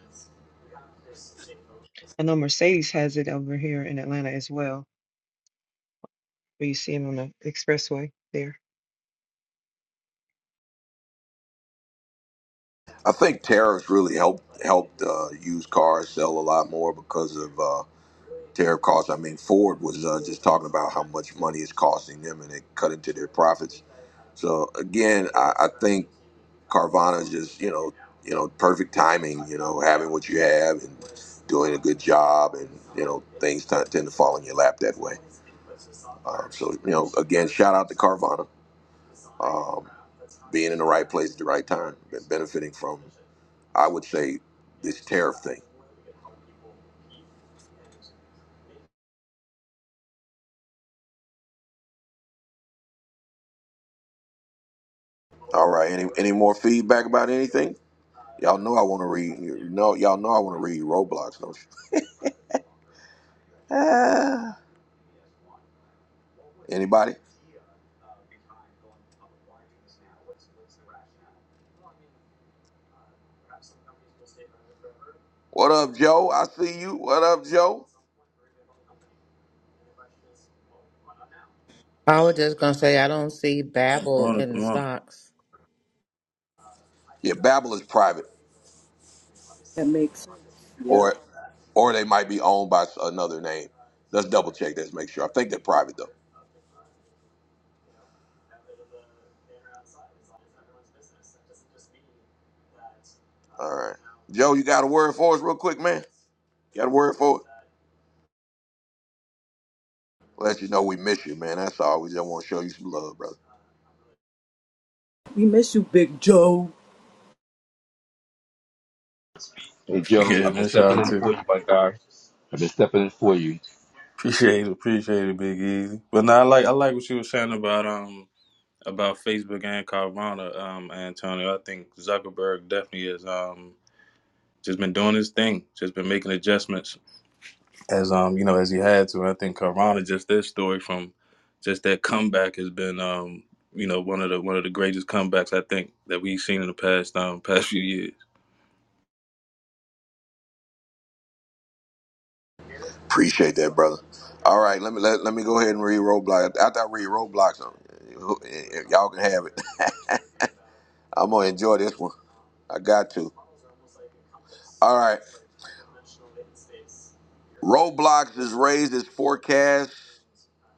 S8: I know Mercedes has it over here in Atlanta as well, where you see them on the expressway there.
S1: I think tariffs really helped helped uh, used cars sell a lot more because of. uh, tariff costs. I mean, Ford was uh, just talking about how much money it's costing them, and they cut into their profits. So again, I, I think Carvana is just you know you know perfect timing. You know, having what you have and doing a good job, and you know things t- tend to fall in your lap that way. Uh, so you know, again, shout out to Carvana, um, being in the right place at the right time, and benefiting from I would say this tariff thing. All right, any any more feedback about anything? Y'all know I want to read. You know, y'all know I want to read Roblox. Don't you? Anybody? What up, Joe? I see you. What up, Joe?
S6: I was just gonna say I don't see Babbel
S11: Morning,
S6: in
S11: good
S6: the
S11: morning.
S6: stocks.
S1: Yeah, Babbel is private,
S2: That makes sense. Yep.
S1: or or they might be owned by another name. Let's double check this. Make sure. I think they're private though. All right, Joe, you got a word for us, real quick, man? You got a word for us? Let you know we miss you, man. That's all. We just want to show you some love, brother.
S2: We miss you, Big Joe.
S5: Hey Joe,
S11: Yeah,
S5: I've been
S11: miss y'all
S5: stepping in
S11: too.
S5: for you, my guy. I've been stepping in for you.
S11: Appreciate it, appreciate it, Big Easy. But now I like I like what you were saying about um about Facebook and Carvana, um, Antonio. I think Zuckerberg definitely has um just been doing his thing, just been making adjustments as um, you know, as he had to. I think Carvana just this story from just that comeback has been um, you know, one of the one of the greatest comebacks I think that we've seen in the past um past few years.
S1: Appreciate that, brother. All right, let me let, let me go ahead and read Roblox. After I read Roblox, um, y'all can have it. I'm gonna enjoy this one. I got to. All right. Roblox has raised its forecast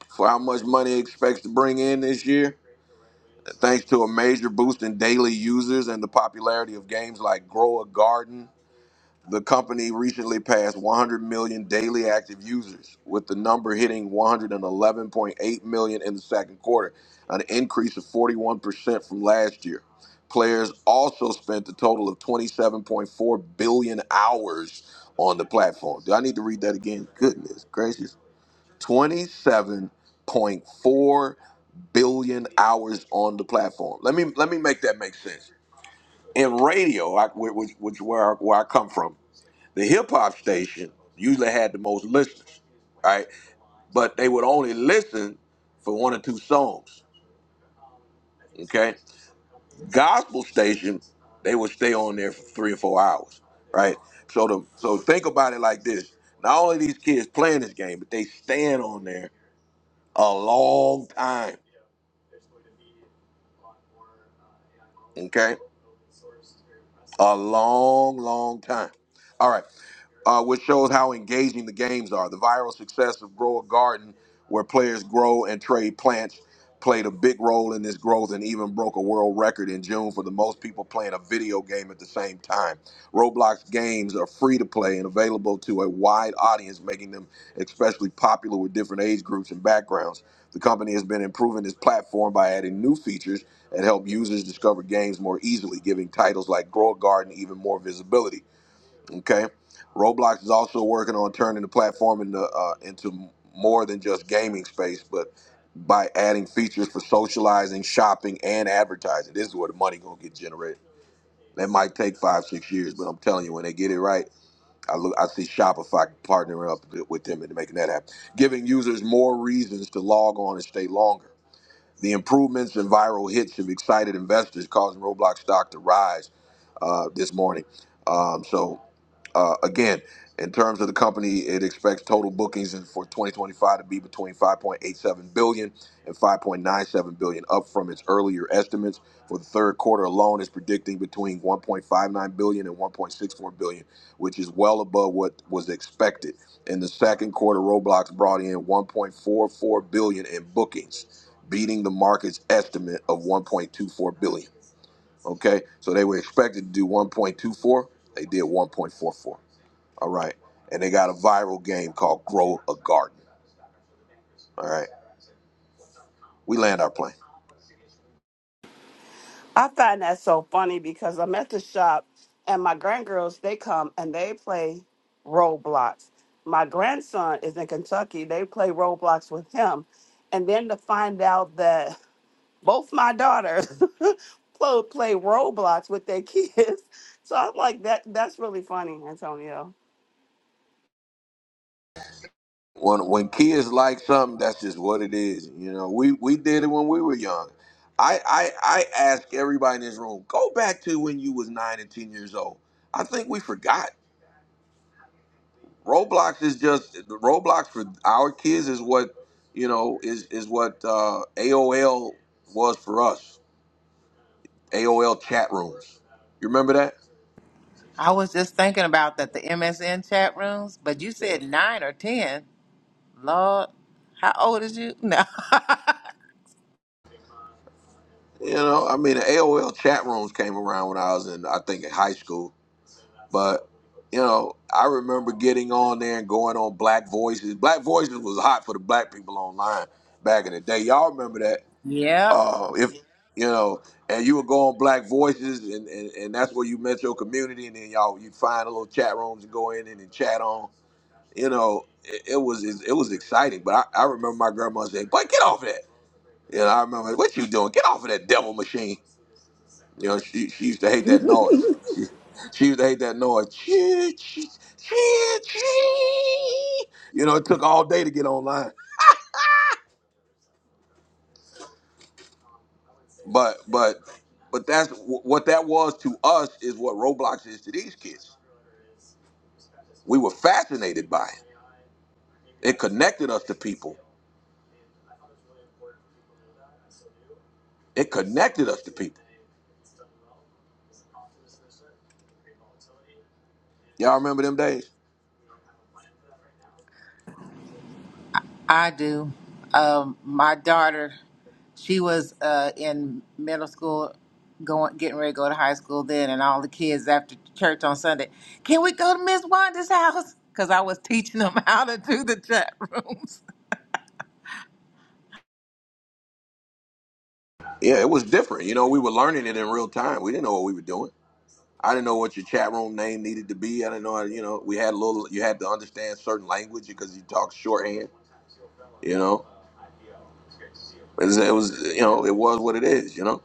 S1: for how much money it expects to bring in this year, thanks to a major boost in daily users and the popularity of games like Grow a Garden The company recently passed 100 million daily active users, with the number hitting 111.8 million in the second quarter, an increase of 41% from last year. Players also spent a total of 27.4 billion hours on the platform. Do I need to read that again? Goodness gracious. 27.4 billion hours on the platform. Let me let me make that make sense. In radio, I, which, which where I, where I come from, the hip hop station usually had the most listeners, right? But they would only listen for one or two songs. Okay, gospel station they would stay on there for three or four hours, right? So the so think about it like this: not only these kids playing this game, but they staying on there a long time. Okay, a long, long time. All right. uh, which shows how engaging the games are. The viral success of Grow a Garden, where players grow and trade plants, played a big role in this growth and even broke a world record in June for the most people playing a video game at the same time. Roblox games are free to play and available to a wide audience, making them especially popular with different age groups and backgrounds. The company has been improving its platform by adding new features that help users discover games more easily, giving titles like Grow a Garden even more visibility. Okay, Roblox is also working on turning the platform into uh, into more than just gaming space, but by adding features for socializing, shopping, and advertising. This is where the money gonna get generated. That might take five, six years, but I'm telling you, when they get it right, I look, I see Shopify partnering up with them and making that happen, giving users more reasons to log on and stay longer. The improvements and viral hits have excited investors, causing Roblox stock to rise uh, this morning. Um, so uh, again, in terms of the company, it expects total bookings in- for 2025 to be between five point eight seven billion and five point nine seven billion, up from its earlier estimates. For the third quarter alone, it's predicting between one point five nine billion and one point six four billion, which is well above what was expected. In the second quarter, Roblox brought in 1.44 billion in bookings, beating the market's estimate of 1.24 billion. Okay, so they were expected to do 1.24, they did 1.44. All right. And they got a viral game called Grow a Garden. All right. We land our plane.
S12: I find that so funny because I'm at the shop and my grandgirls, they come and they play Roblox. My grandson is in Kentucky. They play Roblox with him. And then to find out that both my daughters plo- play Roblox with their kids. So I'm like, that that's really funny, Antonio.
S1: When when kids like something, that's just what it is. You know, we we did it when we were young. I I, I ask everybody in this room, go back to when you was nine and ten years old. I think we forgot. Roblox is just Roblox for our kids is what you know is is what uh, AOL was for us. AOL chat rooms. You remember that?
S6: I was just thinking about that the MSN chat rooms, but you said nine or ten. Lord, how old is you? No.
S1: You know, I mean, the AOL chat rooms came around when I was in, I think, in high school. But you know, I remember getting on there and going on Black Voices. Black Voices was hot for the black people online back in the day. Y'all remember that?
S6: yep,
S1: Uh, if you know, and you would go on Black Voices, and, and, and that's where you met your community, and then y'all you'd find a little chat rooms and go in and, and chat on. You know, it, it was it was exciting. But I, I remember my grandma saying, "Boy, get off of that." You know, I remember what you doing? Get off of that devil machine. You know, she she used to hate that noise. She, she used to hate that noise. Chee, chee, chee, chee. You know, it took all day to get online. But but but that's wh- what that was to us is what Roblox is to these kids. We were fascinated by it. It connected us to people. It connected us to people. Y'all remember them days?
S6: I do. Um, my daughter, she was uh, in middle school, going getting ready to go to high school then, and all the kids after church on Sunday, can we go to Miss Wanda's house? Because I was teaching them how to do the chat rooms.
S1: Yeah, it was different. You know, we were learning it in real time. We didn't know what we were doing I didn't know what your chat room name needed to be. I didn't know, how you know, we had a little, you had to understand certain language because you talk shorthand, you know. It was, it was, you know, it was what it is, you know.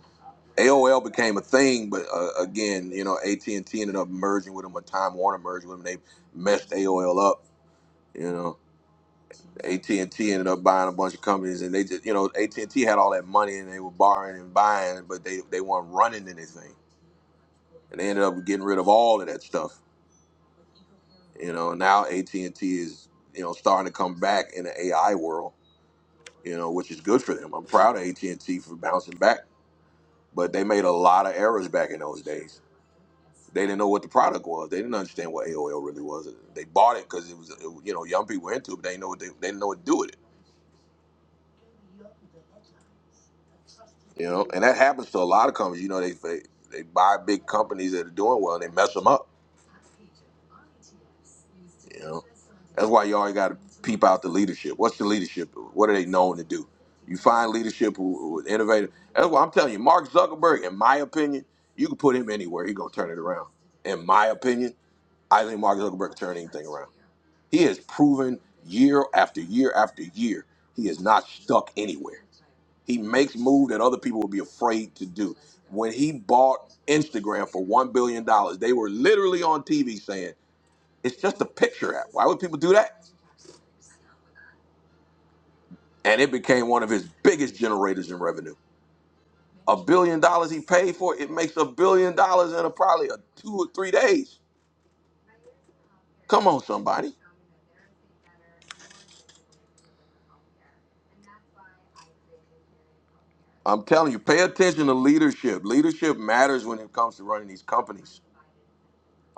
S1: AOL became a thing, but uh, again, you know, AT&T ended up merging with them, or Time Warner merged with them. They messed AOL up, you know. AT&T ended up buying a bunch of companies, and they just, you know, AT&T had all that money, and they were borrowing and buying, but they they weren't running anything, and they ended up getting rid of all of that stuff you know now AT&T is you know starting to come back in the AI world you know which is good for them I'm proud of AT&T for bouncing back but they made a lot of errors back in those days they didn't know what the product was they didn't understand what AOL really was they bought it because it was it, you know young people were into it but they didn't know what they, they didn't know what to do with it You know, and that happens to a lot of companies. You know, they they, they buy big companies that are doing well and they mess them up. You know, that's why you always got to peep out the leadership. What's the leadership? What are they known to do? You find leadership who, who is innovative. That's why I'm telling you, Mark Zuckerberg. In my opinion, you can put him anywhere. he's gonna turn it around. In my opinion, I think Mark Zuckerberg can turn anything around. He has proven year after year after year he is not stuck anywhere. He makes moves that other people would be afraid to do. When he bought Instagram for one billion dollars, they were literally on TV saying it's just a picture app. Why would people do that? And it became one of his biggest generators in revenue. A billion dollars he paid for it, it makes a billion dollars in a, probably a two or three days. Come on, somebody. I'm telling you, pay attention to leadership. Leadership matters when it comes to running these companies.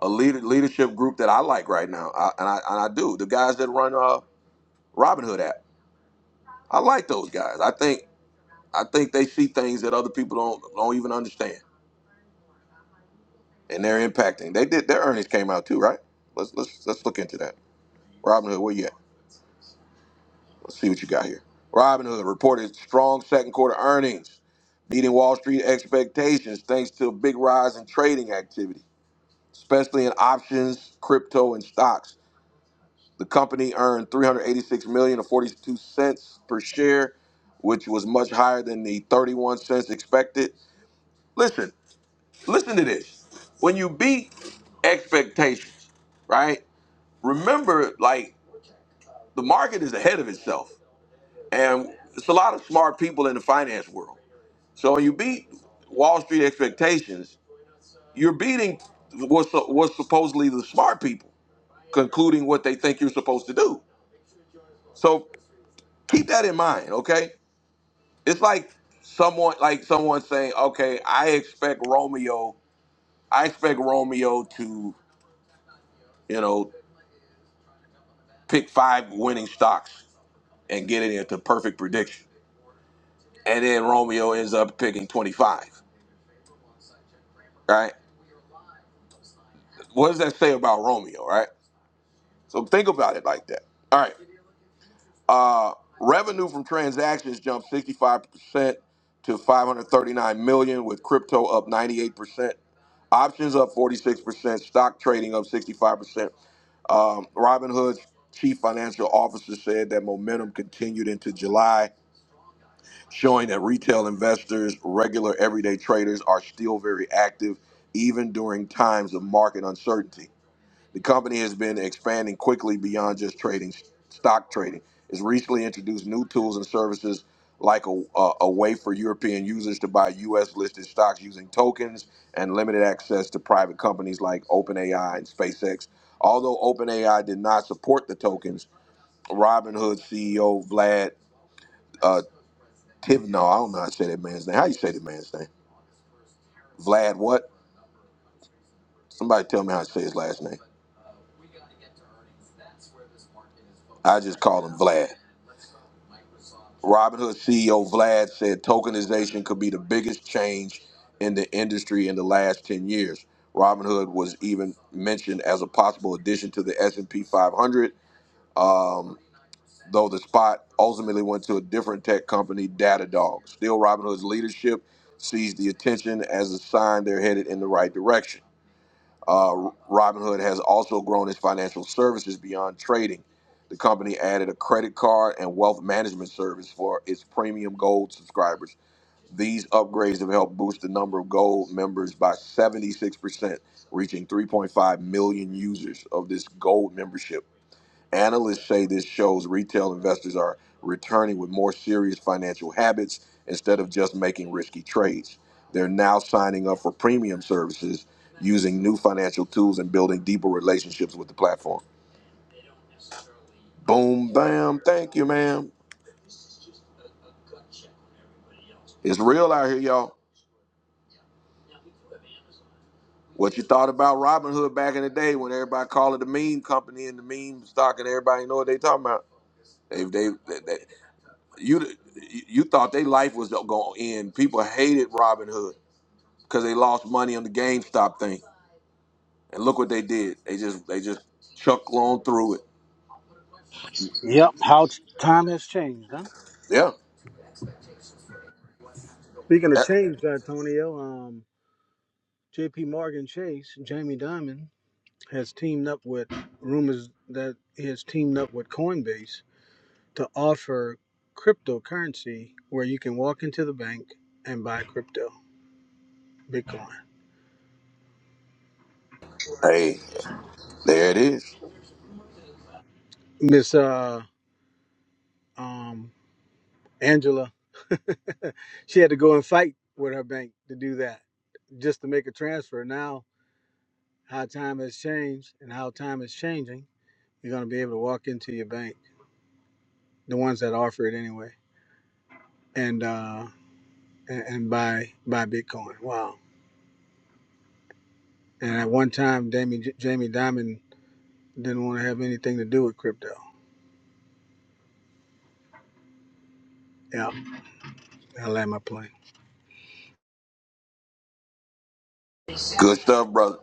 S1: A leader, leadership group that I like right now, I, and, I, and I do, the guys that run uh, Robinhood app. I like those guys. I think I think they see things that other people don't don't even understand, and they're impacting. They did their earnings came out too, right? Let's let's let's look into that. Robin Hood, where you at? Let's see what you got here. Robin Hood reported strong second quarter earnings, beating Wall Street expectations thanks to a big rise in trading activity, especially in options, crypto, and stocks. The company earned 386 million or 42 cents per share, which was much higher than the 31 cents expected. Listen, listen to this. When you beat expectations, right? Remember, like the market is ahead of itself, and it's a lot of smart people in the finance world. So when you beat Wall Street expectations, you're beating what's what's supposedly the smart people concluding what they think you're supposed to do. So keep that in mind, okay? It's like someone like someone saying, "Okay, I expect Romeo, I expect Romeo to, you know." pick five winning stocks and get it into perfect prediction. And then Romeo ends up picking 25, right? What does that say about Romeo, right? So think about it like that. All right. Uh, revenue from transactions jumped 65% to 539 million with crypto up 98%, options up 46%, stock trading up 65%. Um, Robinhood's chief financial officer said that momentum continued into July showing that retail investors, regular everyday traders are still very active even during times of market uncertainty. The company has been expanding quickly beyond just trading stock trading. It's recently introduced new tools and services like a, a, a way for European users to buy US listed stocks using tokens and limited access to private companies like OpenAI and SpaceX. Although OpenAI did not support the tokens, Robinhood CEO Vlad uh, Tiv, no, I don't know how to say that man's name. How you say that man's name? Vlad what? Somebody tell me how to say his last name. I just call him Vlad. Robinhood CEO Vlad said tokenization could be the biggest change in the industry in the last 10 years. Robinhood was even mentioned as a possible addition to the S&P 500, um, though the spot ultimately went to a different tech company, Datadog. Still, Robinhood's leadership sees the attention as a sign they're headed in the right direction. Uh, Robinhood has also grown its financial services beyond trading. The company added a credit card and wealth management service for its premium gold subscribers. These upgrades have helped boost the number of gold members by 76%, reaching 3.5 million users of this gold membership. Analysts say this shows retail investors are returning with more serious financial habits instead of just making risky trades. They're now signing up for premium services, using new financial tools, and building deeper relationships with the platform. Boom, bam, thank you, ma'am. It's real out here, y'all. What you thought about Robinhood back in the day when everybody called it the meme company and the meme stock and everybody know what they talking about? They, they, they, they- you, you thought their life was going to end. People hated Robinhood because they lost money on the GameStop thing. And look what they did. They just they just chucked on through it.
S13: Yep, how t- time has changed, huh?
S1: Yeah.
S13: Speaking of
S1: That-
S13: change, Antonio, um, J.P. Morgan Chase, Jamie Dimon has teamed up with rumors that he has teamed up with Coinbase to offer cryptocurrency where you can walk into the bank and buy crypto, Bitcoin.
S1: Hey, there it is.
S13: Miss uh, um, Angela, she had to go and fight with her bank to do that just to make a transfer. Now, how time has changed and how time is changing You're going to be able to walk into your bank, the ones that offer it anyway, and uh, and, and buy buy Bitcoin. Wow. And at one time, Jamie Jamie Dimon didn't want to have anything to do with crypto. Yeah, I land my plane.
S1: Good stuff, brother.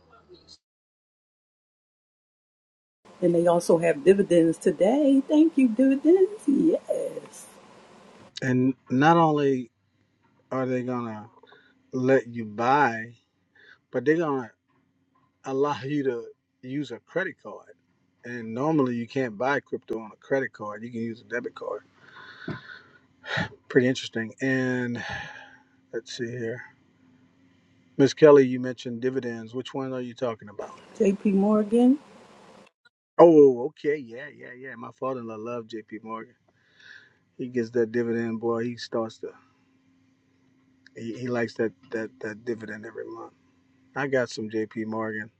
S2: And they also have dividends today. Thank you, dividends. Yes.
S13: And not only are they going to let you buy, but they're going to allow you to use a credit card. And normally you can't buy crypto on a credit card. You can use a debit card. Pretty interesting. And let's see here. Miss Kelly, you mentioned dividends. Which one are you talking about?
S2: J.P. Morgan.
S13: Oh, okay, yeah, yeah, yeah. My father-in-law loved J.P. Morgan. He gets that dividend, boy. He starts to, he, he likes that that that dividend every month. I got some J.P. Morgan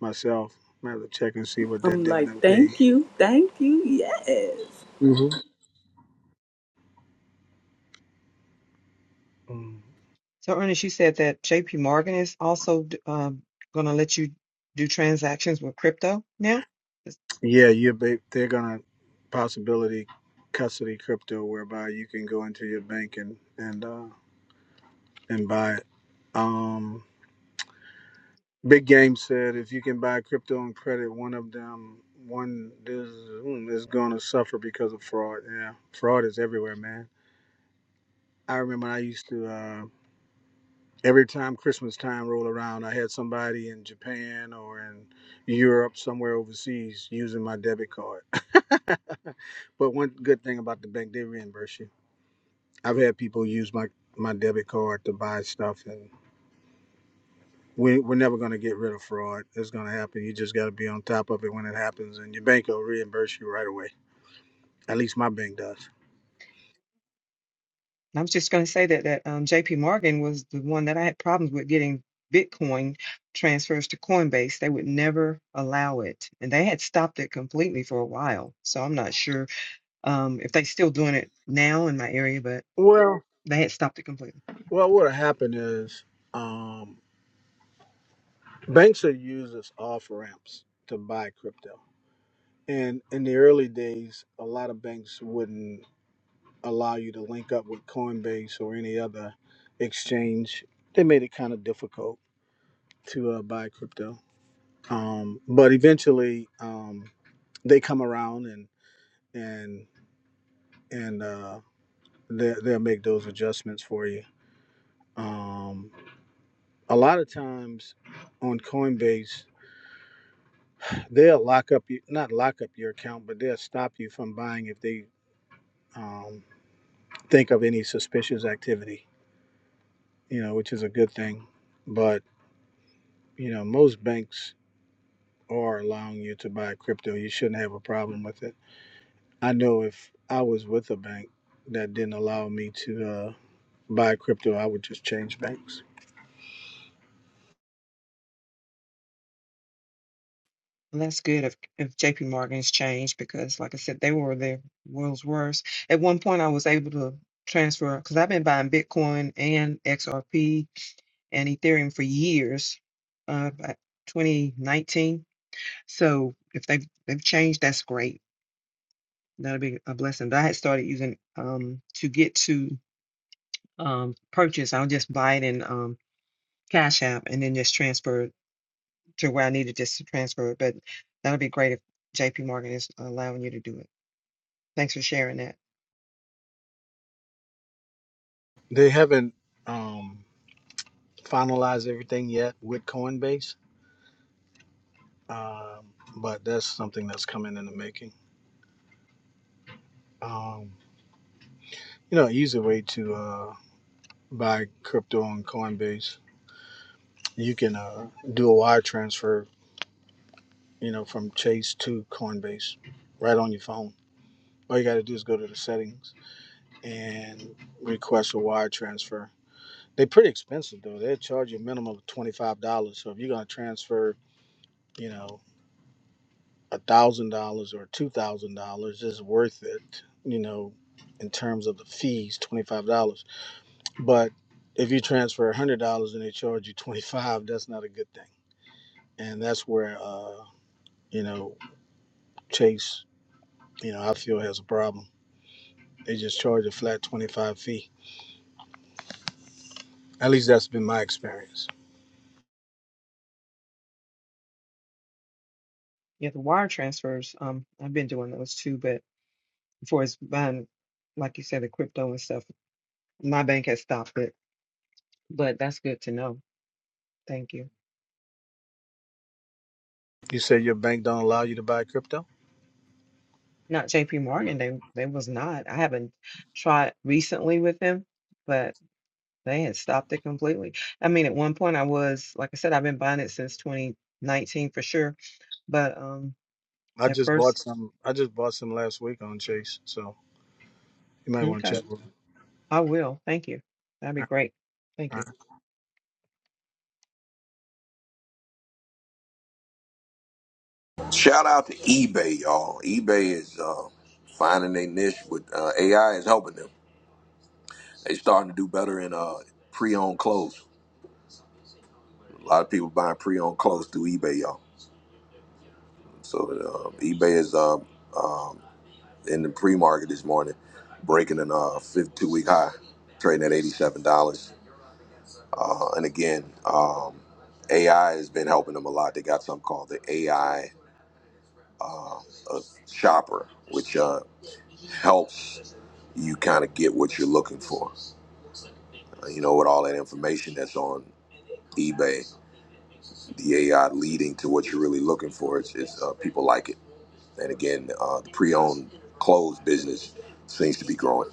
S13: myself. I have to check and see what that
S2: I'm like,
S13: dividend paid.
S2: thank you, thank you, yes.
S13: hmm Mm.
S8: So, Ernest, you said that JP Morgan is also d- um, going to let you do transactions with crypto now?
S13: Yeah, you ba- they're gonna possibility custody crypto, whereby you can go into your bank and and uh, and buy it. Um, Big Game said if you can buy crypto on credit, one of them one is, mm, is going to suffer because of fraud. Yeah, fraud is everywhere, man. I remember I used to uh, every time Christmas time rolled around, I had somebody in Japan or in Europe somewhere overseas using my debit card. but one good thing about the bank, they reimburse you. I've had people use my my debit card to buy stuff and. we, we're never going to get rid of fraud. It's going to happen. You just got to be on top of it when it happens, and your bank will reimburse you right away. At least my bank does.
S8: I was just going to say that that um, J.P. Morgan was the one that I had problems with getting Bitcoin transfers to Coinbase. They would never allow it, and they had stopped it completely for a while. So I'm not sure um, if they're still doing it now in my area, but
S13: Well,
S8: they had stopped it completely.
S13: well, what happened is um, banks are used as off ramps to buy crypto. And in the early days, a lot of banks wouldn't allow you to link up with Coinbase or any other exchange. They made it kind of difficult to uh, buy crypto. Um, but eventually, um, they come around and and and uh, they, they'll make those adjustments for you. Um, a lot of times on Coinbase, they'll lock up you not lock up your account, but they'll stop you from buying if they um, think of any suspicious activity. You know, which is a good thing. But you know, most banks are allowing you to buy crypto. You shouldn't have a problem with it. I know if I was with a bank that didn't allow me to uh, buy crypto, I would just change banks.
S8: And that's good if, if J.P. Morgan's changed because, like I said, they were the world's worst. At one point, I was able to transfer because I've been buying Bitcoin and XRP and Ethereum for years, uh, about 2019 So if they've they've changed, that's great. That'll be a blessing. But I had started using um to get to um purchase. I'll just buy it in um Cash App and then just transfer it to where I needed just to transfer it. But that'll be great if JP Morgan is allowing you to do it. Thanks for sharing that.
S13: They haven't. Um, finalize everything yet with Coinbase, um, but that's something that's coming in the making. Um, you know, easy way to uh, buy crypto on Coinbase. You can uh, do a wire transfer, you know, from Chase to Coinbase right on your phone. All you got to do is go to the settings and request a wire transfer. They're pretty expensive though. They charge you a minimum of twenty five dollars. So if you're gonna transfer, you know, a thousand dollars or two thousand dollars is worth it, you know, in terms of the fees, twenty five dollars. But if you transfer a hundred dollars and they charge you twenty five, that's not a good thing. And that's where uh, you know, Chase, you know, I feel has a problem. They just charge a flat twenty five fee. At least that's been my experience.
S8: Yeah, the wire transfers, um, I've been doing those too, but before it's buying, like you said, the crypto and stuff, my bank has stopped it. But that's good to know. Thank you.
S13: You say your bank don't allow you to buy crypto?
S8: Not JP Morgan. They they was not. I haven't tried recently with them, but they had stopped it completely. I mean, at one point I was, like I said, I've been buying it since 2019 for sure. But um
S13: I
S8: at
S13: just bought
S8: first,
S13: some I just bought some last week on Chase, so you might want to
S8: okay,
S13: check with them.
S8: I will. Thank you. That'd be
S13: All
S8: great.
S13: right.
S8: Thank you.
S1: Shout out to eBay, y'all. eBay is uh, finding their niche with uh, AI is helping them. They starting to do better in uh, pre-owned clothes. A lot of people buying pre-owned clothes through eBay, y'all. So uh, eBay is uh, um, in the pre-market this morning, breaking an uh, 52-week high, trading at $87. Uh, and again, um, AI has been helping them a lot. They got something called the AI uh, uh, shopper, which uh, helps you kind of get what you're looking for. Uh, you know, with all that information that's on eBay, the AI leading to what you're really looking for It's is uh, people like it. And again, uh, the pre-owned clothes business seems to be growing.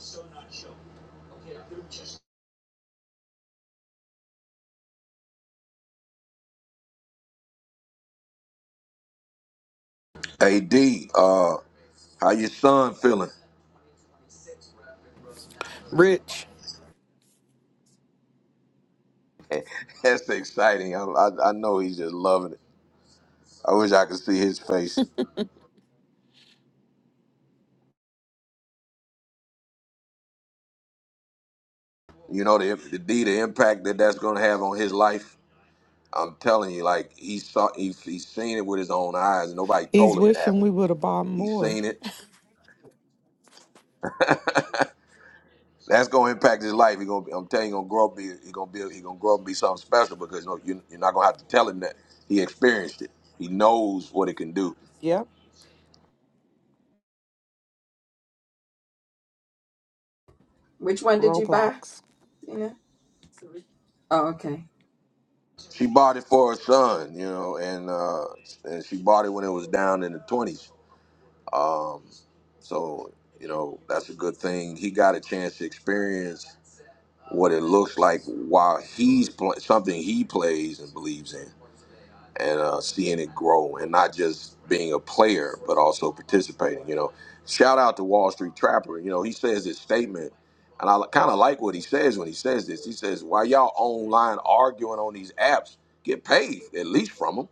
S1: AD, uh, how your son feeling? That's exciting. I, I, I know he's just loving it. I wish I could see his face. You know the the, D, the impact that that's gonna have on his life. I'm telling you, like he saw, he, he's seen it with his own eyes. Nobody
S14: He's
S1: told him it
S14: wishing
S1: happened.
S14: we would have bought
S1: He's
S14: more.
S1: seen it. That's gonna impact his life. He gonna, be- I'm telling you, he gonna grow up. Be, he gonna be, he gonna grow up and be something special because no you, you're not gonna have to tell him that he experienced it. He knows what it can do.
S14: Yep,
S4: Which one did you buy?
S14: Roblox.
S4: Tina? Oh, okay.
S1: She bought it for her son, you know, and uh, and she bought it when it was down in the 20s Um, so you know that's a good thing. He got a chance to experience what it looks like while he's pl- something he plays and believes in, and uh, seeing it grow, and not just being a player but also participating. You know, shout out to Wall Street Trapper. You know, he says this statement. And I kind of like what he says when he says this. He says, "Why y'all online arguing on these apps? Get paid at least from them.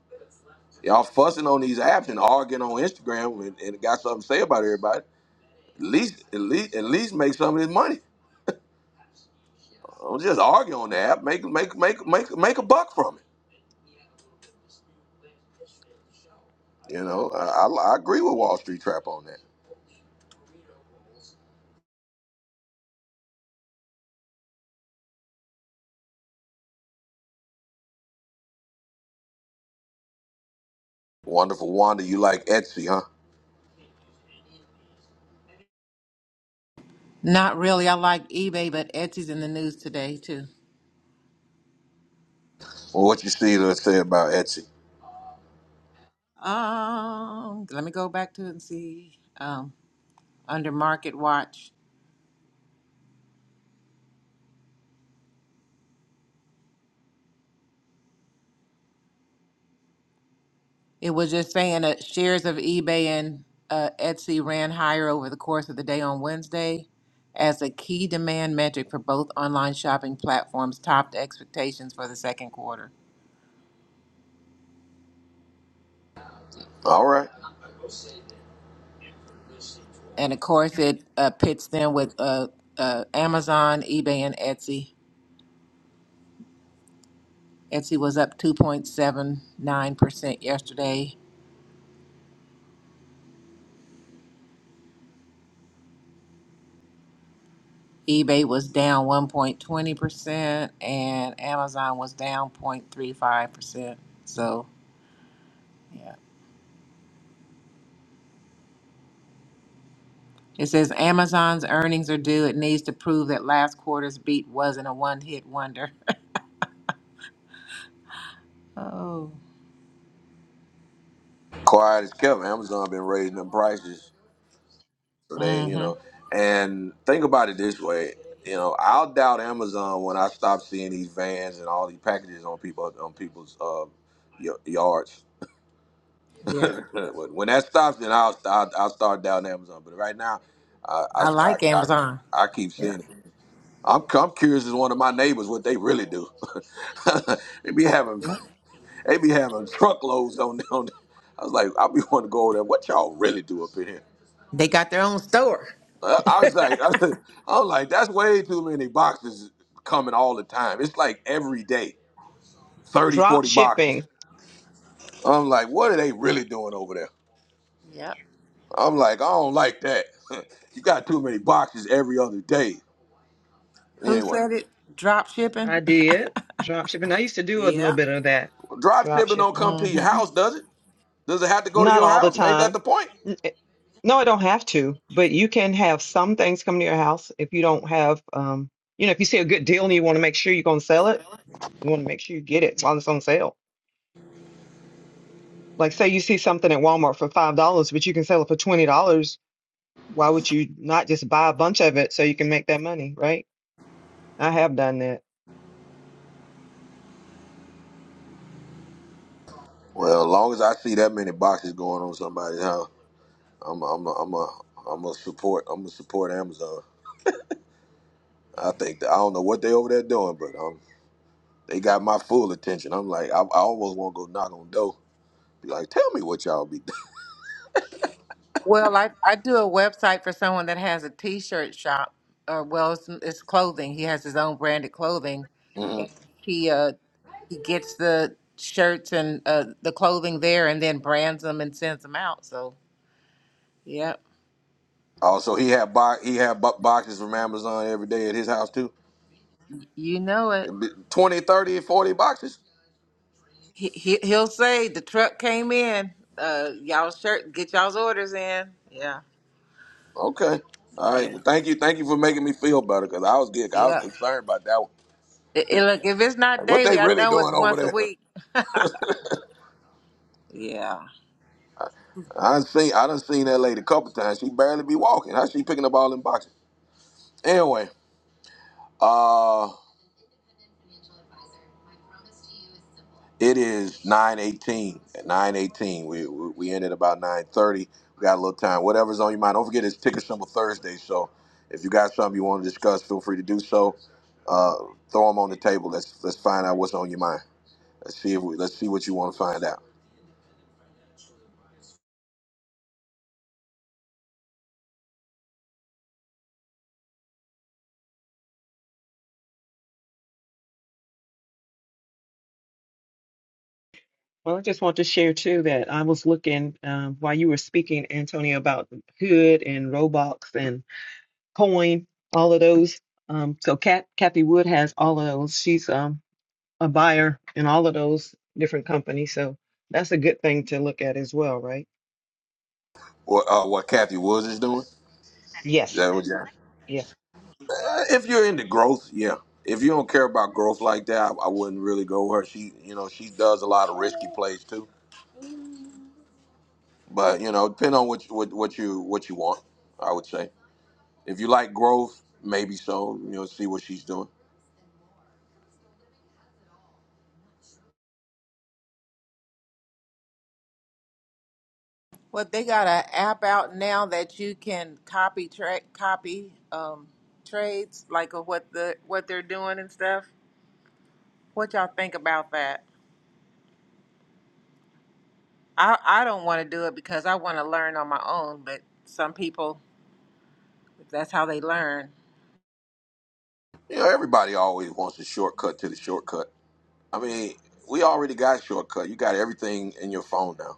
S1: Y'all fussing on these apps and arguing on Instagram and, and got something to say about everybody at least, at least, at least make some of this money. Don't just argue on the app. Make, make, make, make, make a buck from it. You know, I, I, I agree with Wall Street Trap on that. Wonderful Wanda, you like Etsy, huh?
S6: Not really. I like eBay, but Etsy's in the news today too.
S1: Well, what you see to say about Etsy?
S6: Um, let me go back to it and see. Um, under market watch, it was just saying that shares of eBay and uh, Etsy ran higher over the course of the day on Wednesday as a key demand metric for both online shopping platforms topped expectations for the second quarter.
S1: All right,
S6: And of course, it uh, pits them with uh, uh, Amazon, eBay, and Etsy. Etsy was up 2.79% yesterday eBay was down 1.20% and Amazon was down 0.35%. So, yeah. It says Amazon's earnings are due. It needs to prove that last quarter's beat wasn't a one hit wonder. oh.
S1: quiet as Kevin. Amazon been raising them prices, so they,
S6: Mm
S1: you
S6: hmm.
S1: know. And think about it this way, you know, I'll doubt Amazon when I stop seeing these vans and all these packages on people on people's uh, y- yards
S6: Yeah.
S1: when when that stops, then I'll I'll, I'll start down Amazon. But right now, I I,
S6: I
S1: I,
S6: like
S1: I
S6: Amazon.
S1: I keep
S6: Yeah.
S1: seeing it. I'm I'm curious as one of my neighbors what they really do. they be having
S6: yeah.
S1: they be having truckloads on on. I was like, I be wanting to go over there. What y'all really do up in here?
S6: They got their own store.
S1: I, I was like, I was like, that's way too many boxes coming all the time. It's like every day, 30,
S8: Drop
S1: 40 boxes.
S8: shipping.
S1: I'm like, what are they really doing over there?
S6: Yep.
S1: I'm like, I don't like that. you got too many boxes every other day.
S6: Who
S1: Anyway,
S6: said it? Drop
S8: I
S6: shipping?
S8: did. Drop shipping. I used to do a little
S6: Yeah.
S8: bit of that.
S1: drop
S8: Drop
S1: shipping don't
S8: shipping.
S1: come to
S6: Mm
S1: your
S6: hmm.
S1: house, does it? Does it have to go to
S8: Not
S1: your
S8: all the
S1: house? Ain't that
S8: time.
S1: the point?
S8: N- eh, No, I don't have to, but you can have some things come to your house if you don't have, um, you know, if you see a good deal and you want to make sure you're going to sell it, you want to make sure you get it while it's on sale. Like, say you see something at Walmart for $5, but you can sell it for $20. Why would you not just buy a bunch of it so you can make that money, right? I have done that.
S1: Well, as long as I see that many boxes going on somebody's house, I'm a, I'm a, I'm a, I'm a support. I'm a support Amazon. I think that, I don't know what they over there doing, but um, they got my full attention. I'm like, I, I almost want to go knock on the door. Be like, tell me what y'all be doing.
S6: Well, I, I do a website for someone that has a t-shirt shop, or well, it's, it's clothing. He has his own branded clothing,
S1: hmm
S6: and he uh he gets the shirts and uh, the clothing there, and then brands them and sends them out. So, yep,
S1: Also, he had bo- he had bo- boxes from Amazon every day at his house too.
S6: you know it.
S1: 20, 30, forty boxes?
S6: He, he he'll say the truck came in. Uh, y'all shirt, get y'all's orders in. Yeah,
S1: Okay. All right.
S6: yeah,
S1: Well, thank you. Thank you for making me feel better because I was getting, I was
S6: yeah.
S1: concerned about that one.
S6: It, it- look, if it's not
S1: Like, what they
S6: daily, I
S1: really
S6: know it's
S1: doing over
S6: once a
S1: there?
S6: week. Yeah.
S1: I done seen I done seen that lady a couple times. She barely be walking. How she picking up all them boxes? Anyway, uh it is 918. At 918. We we we ended about 930. We got a little time. Whatever's on your mind. Don't forget it's ticker symbol Thursday. So if you got something you want to discuss, feel free to do so. Uh, throw them on the table. Let's let's find out what's on your mind. Let's see if we, let's see what you want to find out,
S8: Well, I just want to share too that I was looking um, while you were speaking, Antonio, about Hood and Roblox, and coin, all of those. Um, so Kat, Kathy Wood has all of those. She's um, a buyer in all of those different companies. So that's a good thing to look at as well, right?
S1: or uh, what Kathy Woods is doing. Is
S8: Yes.
S1: that what you? Uh,
S8: Yes.
S1: if you're into growth, yeah. If you don't care about growth like that, I, I wouldn't really go with her. She, you know, she does a lot of risky plays too. But you know, depending on what you, what, what you what you want, I would say. If you like growth, maybe so. You know, see what she's doing.
S6: Well, they got an app out now that you can copy tra- copy um, trades, like of what the what they're doing and stuff. What y'all think about that? I I don't want to do it because I want to learn on my own, but some people, if that's how they learn.
S1: You know, everybody always wants a shortcut to the shortcut. I mean, we already got a shortcut. You got everything in your phone now.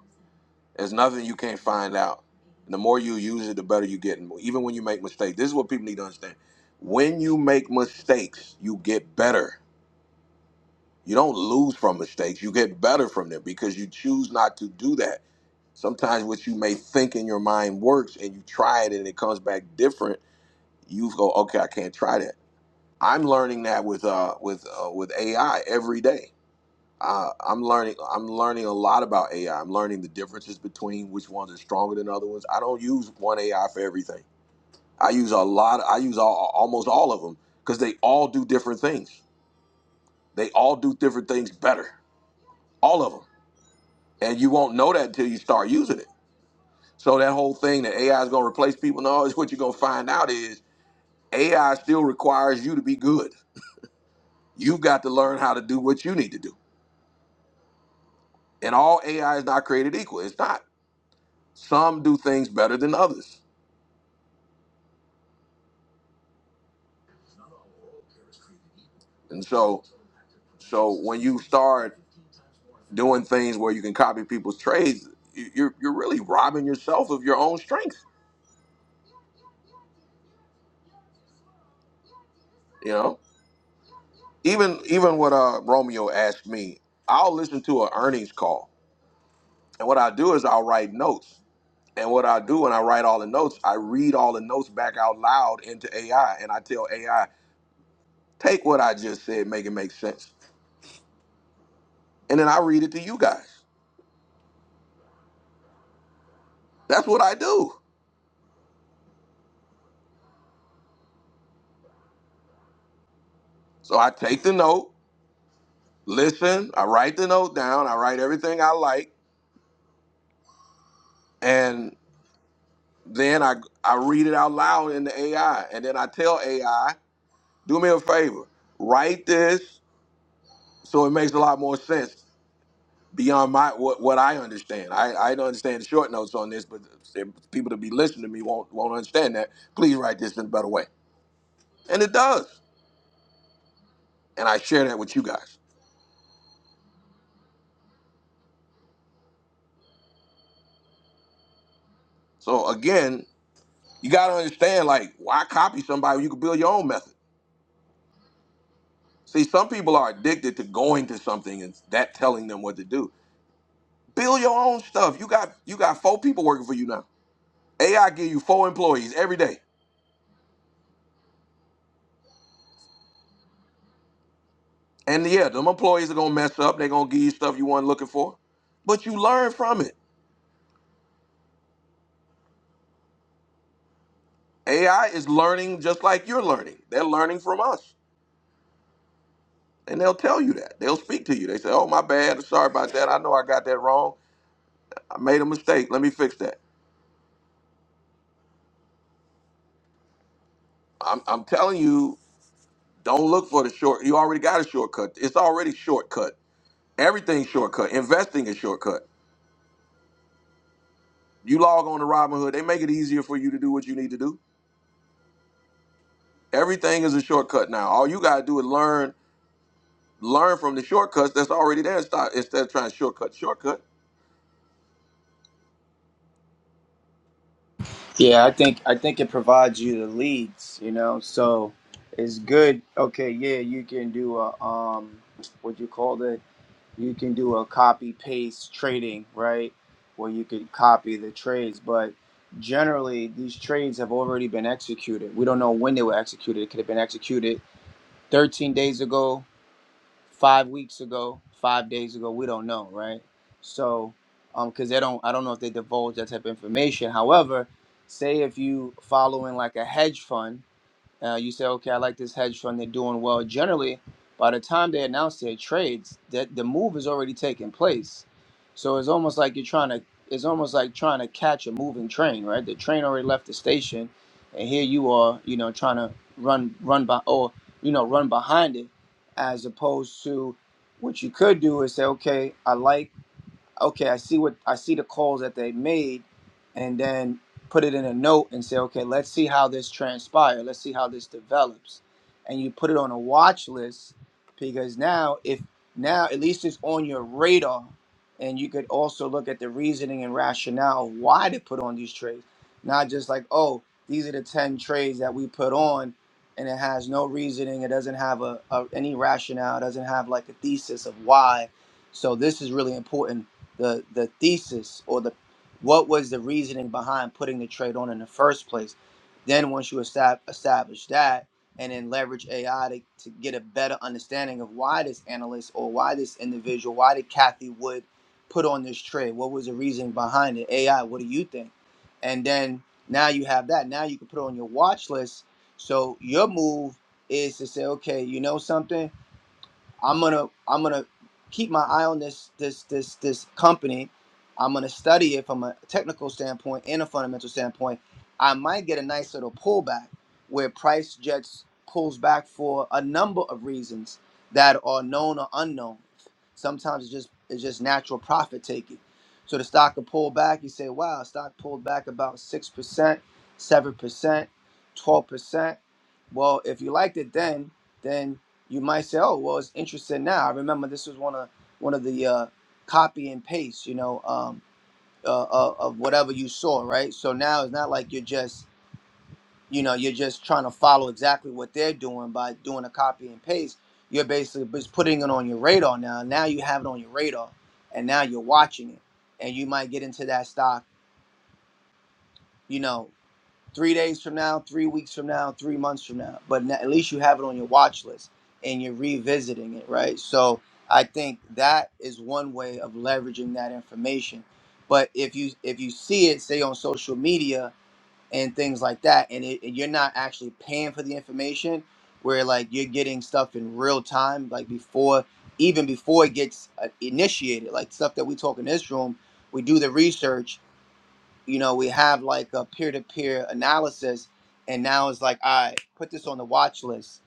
S1: There's nothing you can't find out. And the more you use it, the better you get. And even when you make mistakes, this is what people need to understand. When you make mistakes, you get better. You don't lose from mistakes. You get better from them because you choose not to do that. Sometimes what you may think in your mind works and you try it and it comes back different. You go, okay, I can't try that. I'm learning that with uh with uh, with AI every day uh, I'm learning. I'm learning a lot about AI. I'm learning the differences between which ones are stronger than other ones. I don't use one AI for everything. I use a lot. I use all, almost all of them because they all do different things. They all do different things better. All of them, and you won't know that until you start using it. So that whole thing that AI is going to replace people, no, is what you're going to find out is AI still requires you to be good. You've got to learn how to do what you need to do. And all AI is not created equal. It's not. Some do things better than others And so, so when you start doing things where you can copy people's trades, you- you're you're really robbing yourself of your own strength. You know, even even what uh, Romeo asked me, I'll listen to an earnings call, and what I do is I'll write notes. And what I do when I write all the notes, I read all the notes back out loud into AI, and I tell AI, take what I just said, make it make sense, and then I read it to you guys. That's what I do. So I take the note. listen, I write the note down, I write everything I like, and then I I read it out loud in the AI, and then I tell AI, do me a favor, write this so it makes a lot more sense beyond my what, what I understand. I, I don't understand the short notes on this, but if people to be listening to me won't won't understand that. Please write this in a better way, and it does, and I share that with you guys. So again, you got to understand, like, why copy somebody? when You can build your own method. See, some people are addicted to going to something and that telling them what to do. Build your own stuff. You got you got four people working for you now. AI give you four employees every day. And yeah, them employees are gonna mess up. They're gonna give you stuff you weren't looking for. But you learn from it. AI is learning just like you're learning. They're learning from us. And they'll tell you that. They'll speak to you. They say, Oh, my bad. Sorry about that. I know I got that wrong. I made a mistake. Let me fix that. I'm, I'm telling you, don't look for the short. You already got a shortcut. It's already shortcut Everything's shortcut. Investing is shortcut. You log on to Robinhood, they make it easier for you to do what you need to do. Everything is a shortcut now. All you gotta do is learn, learn from the shortcuts that's already there. Stop instead of trying to shortcut, shortcut.
S9: Yeah, I think I think it provides you the leads. You know, so it's good. Okay, yeah, you can do a um, what you call it? you can do a copy paste trading, right? Where you could copy the trades, but generally these trades have already been executed. We don't know when they were executed. It could have been executed 13 days ago, five weeks ago, five days ago. We don't know, right? So, um, because they don't, I don't know if they divulge that type of information. However, say if you following like a hedge fund uh, you say, okay, I like this hedge fund. They're doing well. Generally, by the time they announce their trades, that the move is already taking place. So it's almost like you're trying to. It's almost like trying to catch a moving train, right? The train already left the station, and here you are, you know, trying to run, run by, or you know, run behind it, as opposed to what you could do is say, okay, I like okay, I see what I see the calls that they made, and then put it in a note and say, okay, let's see how this transpires. Let's see how this develops, and you put it on a watch list because now, if now at least it's on your radar, and you could also look at the reasoning and rationale of why they put on these trades, not just like, oh, these are the ten trades that we put on. And it has no reasoning. It doesn't have a, a any rationale. It doesn't have like a thesis of why. So this is really important the the thesis or the what was the reasoning behind putting the trade on in the first place. Then once you estab- establish that, and then leverage AI to, to get a better understanding of why this analyst or why this individual, why did Kathy Wood put on this trade? What was the reason behind it? AI, what do you think? And then now you have that. Now you can put it on your watch list. So your move is to say, okay, you know something. I'm gonna I'm gonna keep my eye on this this this this company. I'm gonna study it from a technical standpoint and a fundamental standpoint. I might get a nice little pullback where price jets pulls back for a number of reasons that are known or unknown. Sometimes it's just it's just natural profit taking. So the stock will pull back. You say, "Wow, stock pulled back about six percent, seven percent, twelve percent." Well, if you liked it then, then you might say, "Oh, well, it's interesting." Now I remember this was one of one of the uh, copy and paste, you know, um, uh, uh, of whatever you saw, right? So now it's not like you're just, you know, you're just trying to follow exactly what they're doing by doing a copy and paste. You're basically just putting it on your radar now. Now you have it on your radar, and now you're watching it, and you might get into that stock, you know. three days from now, three weeks from now, three months from now. But at least you have it on your watch list and you're revisiting it, right? So I think that is one way of leveraging that information. But if you if you see it, say on social media and things like that, and, it, and you're not actually paying for the information, where like you're getting stuff in real time, like before even before it gets uh, initiated, like stuff that we talk in this room, we do the research you know, we have like a peer to peer analysis, and now it's like, all right, put this on the watch list.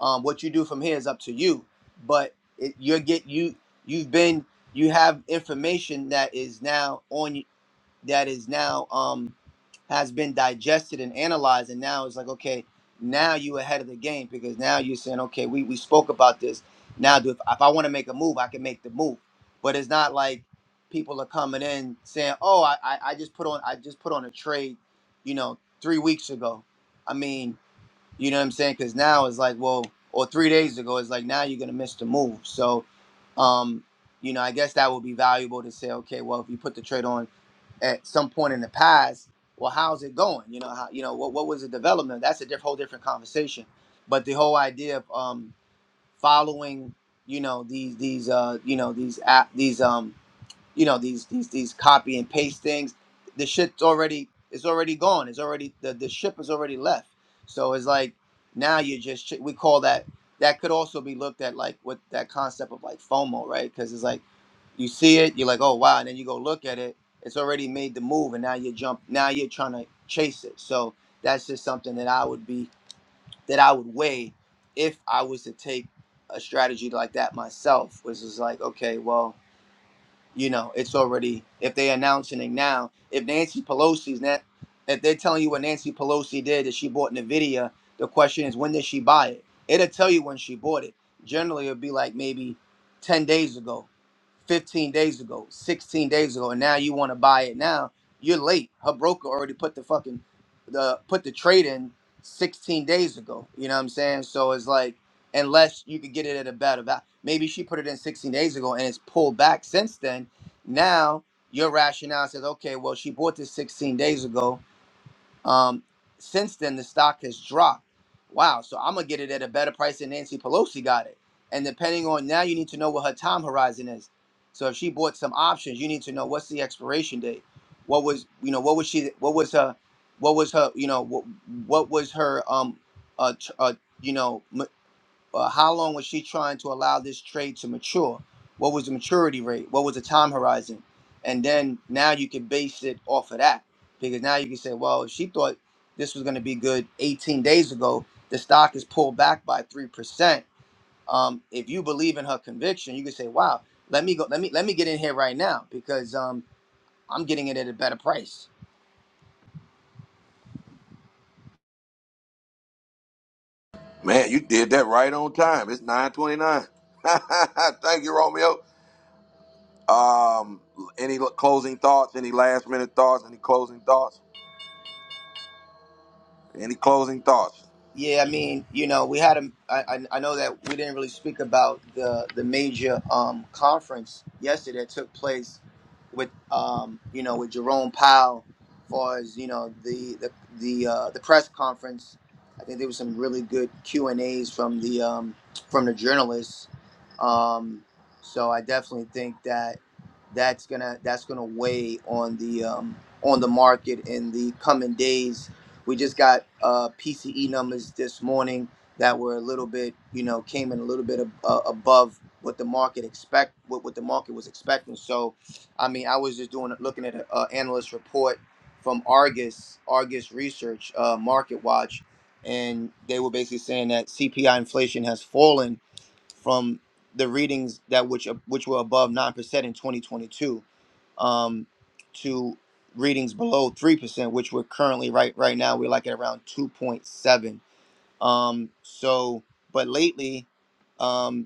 S9: Um, what you do from here is up to you, but it, you're get you you've been you have information that is now on that is now um has been digested and analyzed and now it's like okay now you ahead of the game because now you're saying okay we, we spoke about this now do if, if i want to make a move i can make the move but it's not like people are coming in saying oh I, I i just put on i just put on a trade you know three weeks ago i mean you know what i'm saying because now it's like well or three days ago it's like now you're gonna miss the move so um you know i guess that would be valuable to say okay well if you put the trade on at some point in the past, well, how's it going? You know, how you know what what was the development? That's a diff- whole different conversation. But the whole idea of um, following, you know, these these uh, you know these app these um, you know these these these copy and paste things the shit's already it's already gone it's already the, the ship has already left so it's like now you're just ch- we call that that could also be looked at like with that concept of like fomo right because it's like you see it you're like oh wow and then you go look at it it's already made the move and now you jump now you're trying to chase it so that's just something that i would be that i would weigh if i was to take a strategy like that myself which is like okay well you know, it's already if they're announcing it now. If Nancy Pelosi's not, if they're telling you what Nancy Pelosi did that she bought Nvidia, the question is when did she buy it? It'll tell you when she bought it. Generally, it'll be like maybe ten days ago, fifteen days ago, sixteen days ago, and now you want to buy it now. You're late. Her broker already put the fucking the put the trade in sixteen days ago. You know what I'm saying? So it's like unless you could get it at a better value. Maybe she put it in 16 days ago and it's pulled back since then. Now your rationale says, okay, well, she bought this 16 days ago. Um, since then, the stock has dropped. Wow, so I'm going to get it at a better price than Nancy Pelosi got it. And depending on now, you need to know what her time horizon is. So if she bought some options, you need to know what's the expiration date. What was you know what was she what was her what was her you know what what was her um uh, tr- uh you know uh, how long was she trying to allow this trade to mature? What was the maturity rate? What was the time horizon? And then now you can base it off of that because now you can say, well, if she thought this was going to be good 18 days ago, the stock is pulled back by three percent. Um, if you believe in her conviction, you can say, wow, let me go, let me let me get in here right now because um, I'm getting it at a better price.
S1: Man, you did that right on time. It's nine twenty nine. Thank you, Romeo. Um, any closing thoughts? Any last minute thoughts? Any closing thoughts? Any closing thoughts?
S9: Yeah, I mean, you know, we had a. I, I I know that we didn't really speak about the the major um, conference yesterday that took place with um, you know with Jerome Powell, as far as you know the the the uh, the press conference. I think there was some really good Q and A's from the um, from the journalists. Um, so I definitely think that that's gonna that's gonna weigh on the um, on the market in the coming days we just got uh, PCE numbers this morning that were a little bit, you know, came in a little bit ab- uh, above what the market expect, what, what the market was expecting. So, I mean, I was just doing looking at an analyst report from Argus, Argus Research, uh, Market Watch, and they were basically saying that CPI inflation has fallen from the readings that which uh, which were above nine percent in 2022 um, to readings below three percent, which we're currently right right now we're like at around 2.7. Um, so, but lately. um,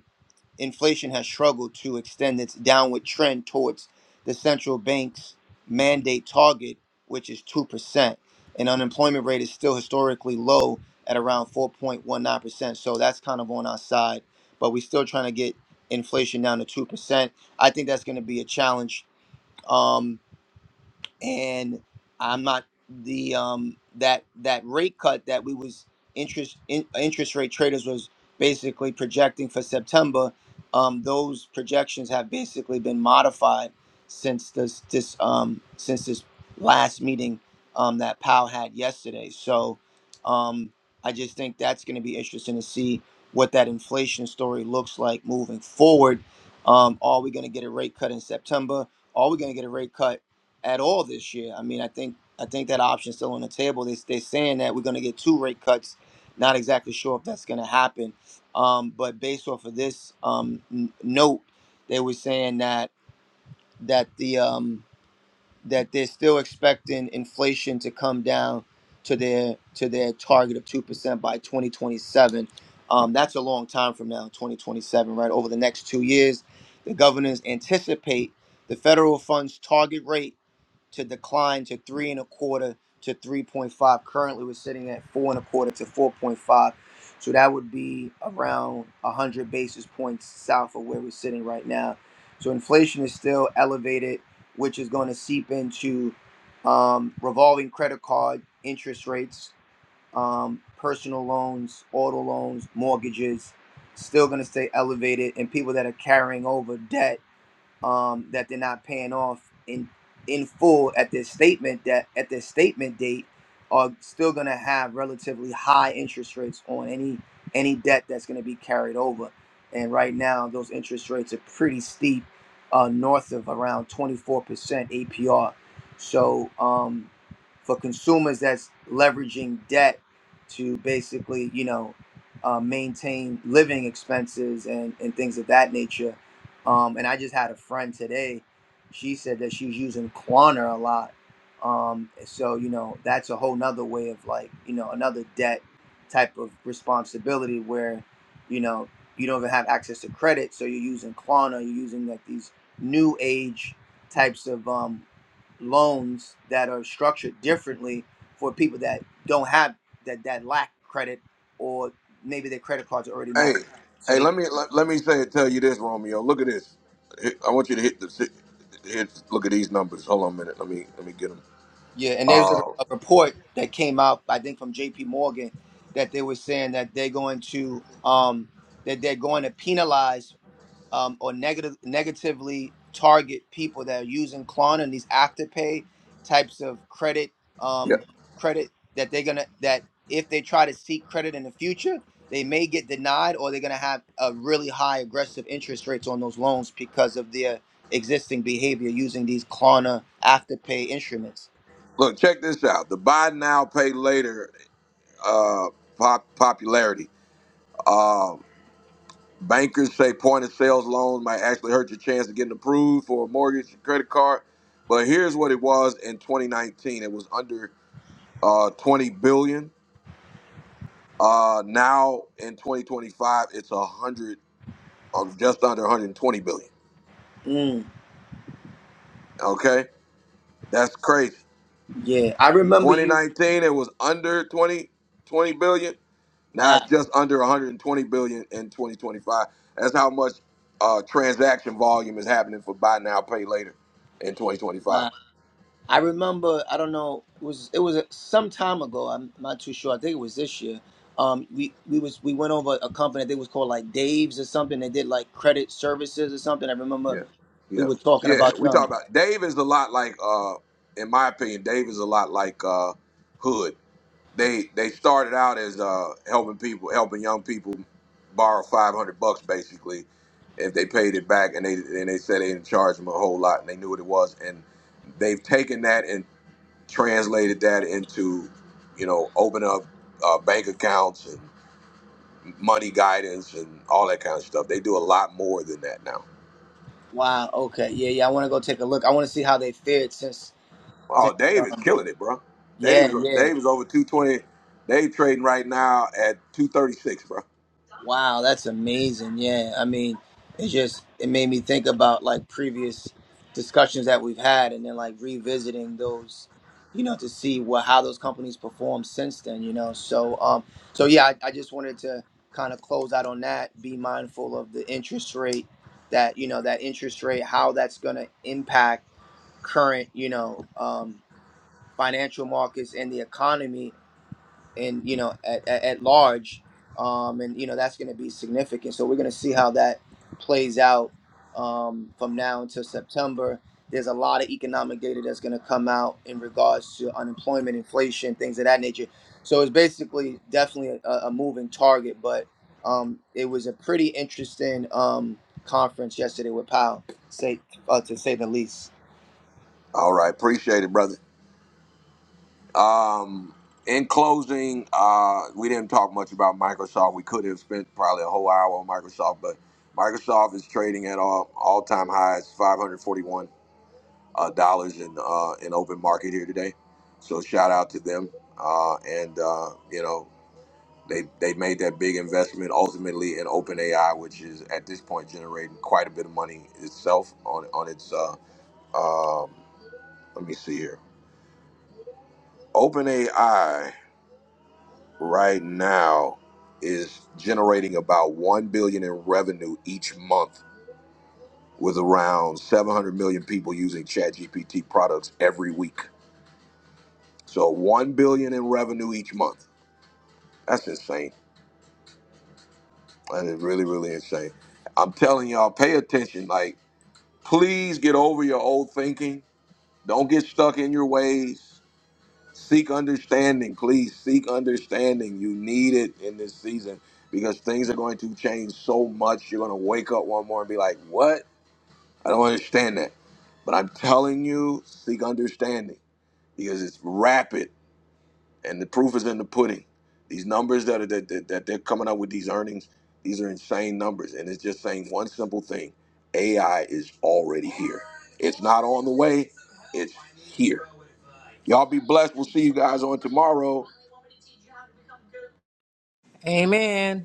S9: inflation has struggled to extend its downward trend towards the central bank's mandate target, which is 2%. And unemployment rate is still historically low at around 4.19%. So that's kind of on our side. But we're still trying to get inflation down to 2%. I think that's going to be a challenge. Um, and I'm not the um that that rate cut that we was interest in, interest rate traders was basically projecting for September. Um, those projections have basically been modified since this this um since this last meeting um that Powell had yesterday. So um I just think that's going to be interesting to see what that inflation story looks like moving forward. Um, are we going to get a rate cut in September? Are we going to get a rate cut at all this year. I mean, I think I think that option's still on the table. They they're saying that we're going to get two rate cuts. Not exactly sure if that's going to happen. Um, but based off of this um, n- note, they were saying that that the um, that they're still expecting inflation to come down to their to their target of two percent by 2027. Um, that's a long time from now, 2027, right? Over the next two years, the governors anticipate the federal funds target rate to decline to three and a quarter to 3.5. Currently, we're sitting at four and a quarter to 4.5. So that would be around 100 basis points south of where we're sitting right now. So inflation is still elevated, which is going to seep into um, revolving credit card interest rates, um, personal loans, auto loans, mortgages, still going to stay elevated, and people that are carrying over debt um, that they're not paying off in in full at their statement that at their statement date are still going to have relatively high interest rates on any any debt that's going to be carried over. And right now, those interest rates are pretty steep, uh, north of around 24% APR. So um, for consumers that's leveraging debt to basically, you know, uh, maintain living expenses and, and things of that nature, um, and I just had a friend today. She said that she's using Klarna a lot. Um, so you know that's a whole nother way of like you know another debt type of responsibility where you know you don't even have access to credit, so you're using Klarna, you're using like these new age types of um, loans that are structured differently for people that don't have that that lack credit or maybe their credit cards are already maxed,
S1: Hey,
S9: out, so
S1: hey,
S9: they
S1: let me let, let me say tell you this, Romeo. Look at this. Hit- I want you to hit the hit. Look at these numbers. Hold on a minute. Let me let me get them.
S9: Yeah, and there's a,
S1: Uh,
S9: a report that came out, I think, from J.P. Morgan, that they were saying that they're going to um, that they're going to penalize um, or negative negatively target people that are using Klarna and these afterpay types of credit
S1: yeah.
S9: um, credit that they're gonna that if they try to seek credit in the future, they may get denied or they're gonna have a really high aggressive interest rates on those loans because of their existing behavior using these Klarna afterpay instruments.
S1: Look, check this out. The buy now, pay later uh, pop, popularity. Uh, bankers say point of sales loans might actually hurt your chance of getting approved for a mortgage, or credit card. But here's what it was in 2019. It was under uh, 20 billion. Uh, now in 2025, it's 100. or just under 120 billion.
S9: Mm.
S1: Okay, that's crazy.
S9: Yeah, I remember you.
S1: 2019 it was under 20 20 billion. Now it's
S9: Wow,
S1: just under 120 billion in 2025. That's how much uh, transaction volume is happening for buy now, pay later in 2025.
S9: wow. I remember. I don't know. It was it was some time ago. I'm not too sure. I think it was this year. Um, we we was we went over a company. I think it was called like Dave's or something. They did like credit services or something. I remember
S1: Yeah,
S9: we
S1: yeah,
S9: were talking
S1: yeah.
S9: about
S1: We talk
S9: them.
S1: about Dave is a lot like, uh, in my opinion, Dave is a lot like uh, Hood. They they started out as uh, helping people, helping young people borrow five hundred bucks basically. If they paid it back, and they and they said they didn't charge them a whole lot, and they knew what it was, and they've taken that and translated that into, you know, open up uh, bank accounts and money guidance and all that kind of stuff. They do a lot more than that now.
S9: Wow. Okay. Yeah. Yeah. I want to go take a look. I want to see how they fared since
S1: Oh,
S9: since.
S1: Dave is
S9: Um.
S1: killing it, bro. Dave
S9: Yeah.
S1: is
S9: Yeah.
S1: Dave is over two twenty. Dave trading right now at two thirty six, bro.
S9: Wow, that's amazing. Yeah. I mean, it just it made me think about like previous discussions that we've had and then like revisiting those, you know, to see what how those companies perform since then, you know. So um so yeah, I, I just wanted to kind of close out on that, be mindful of the interest rate that, you know, that interest rate, how that's gonna impact current, you know, um financial markets and the economy and you know at, at, at large um, and you know that's going to be significant so we're going to see how that plays out um, from now until september there's a lot of economic data that's going to come out in regards to unemployment inflation things of that nature so it's basically definitely a, a moving target but um, it was a pretty interesting um, conference yesterday with powell say, uh, to say the least
S1: All right, appreciate it, brother. Um, in closing, uh, we didn't talk much about Microsoft. We could have spent probably a whole hour on Microsoft, but Microsoft is trading at all all time highs, five hundred forty one uh, dollars in uh, in open market here today. So shout out to them, uh, and uh, you know they they made that big investment ultimately in OpenAI, which is at this point generating quite a bit of money itself on on its. Uh, um, let me see here. OpenAI right now is generating about 1 billion in revenue each month with around 700 million people using ChatGPT products every week. So 1 billion in revenue each month. That's insane. That is really really insane. I'm telling y'all pay attention like please get over your old thinking. Don't get stuck in your ways. Seek understanding, please. Seek understanding. You need it in this season because things are going to change so much. You're going to wake up one morning and be like, What? I don't understand that. But I'm telling you, seek understanding because it's rapid and the proof is in the pudding. These numbers that, are, that, that, that they're coming up with these earnings, these are insane numbers. And it's just saying one simple thing AI is already here. It's not on the way, it's here. Y'all be blessed. We'll see you guys on tomorrow.
S6: Amen.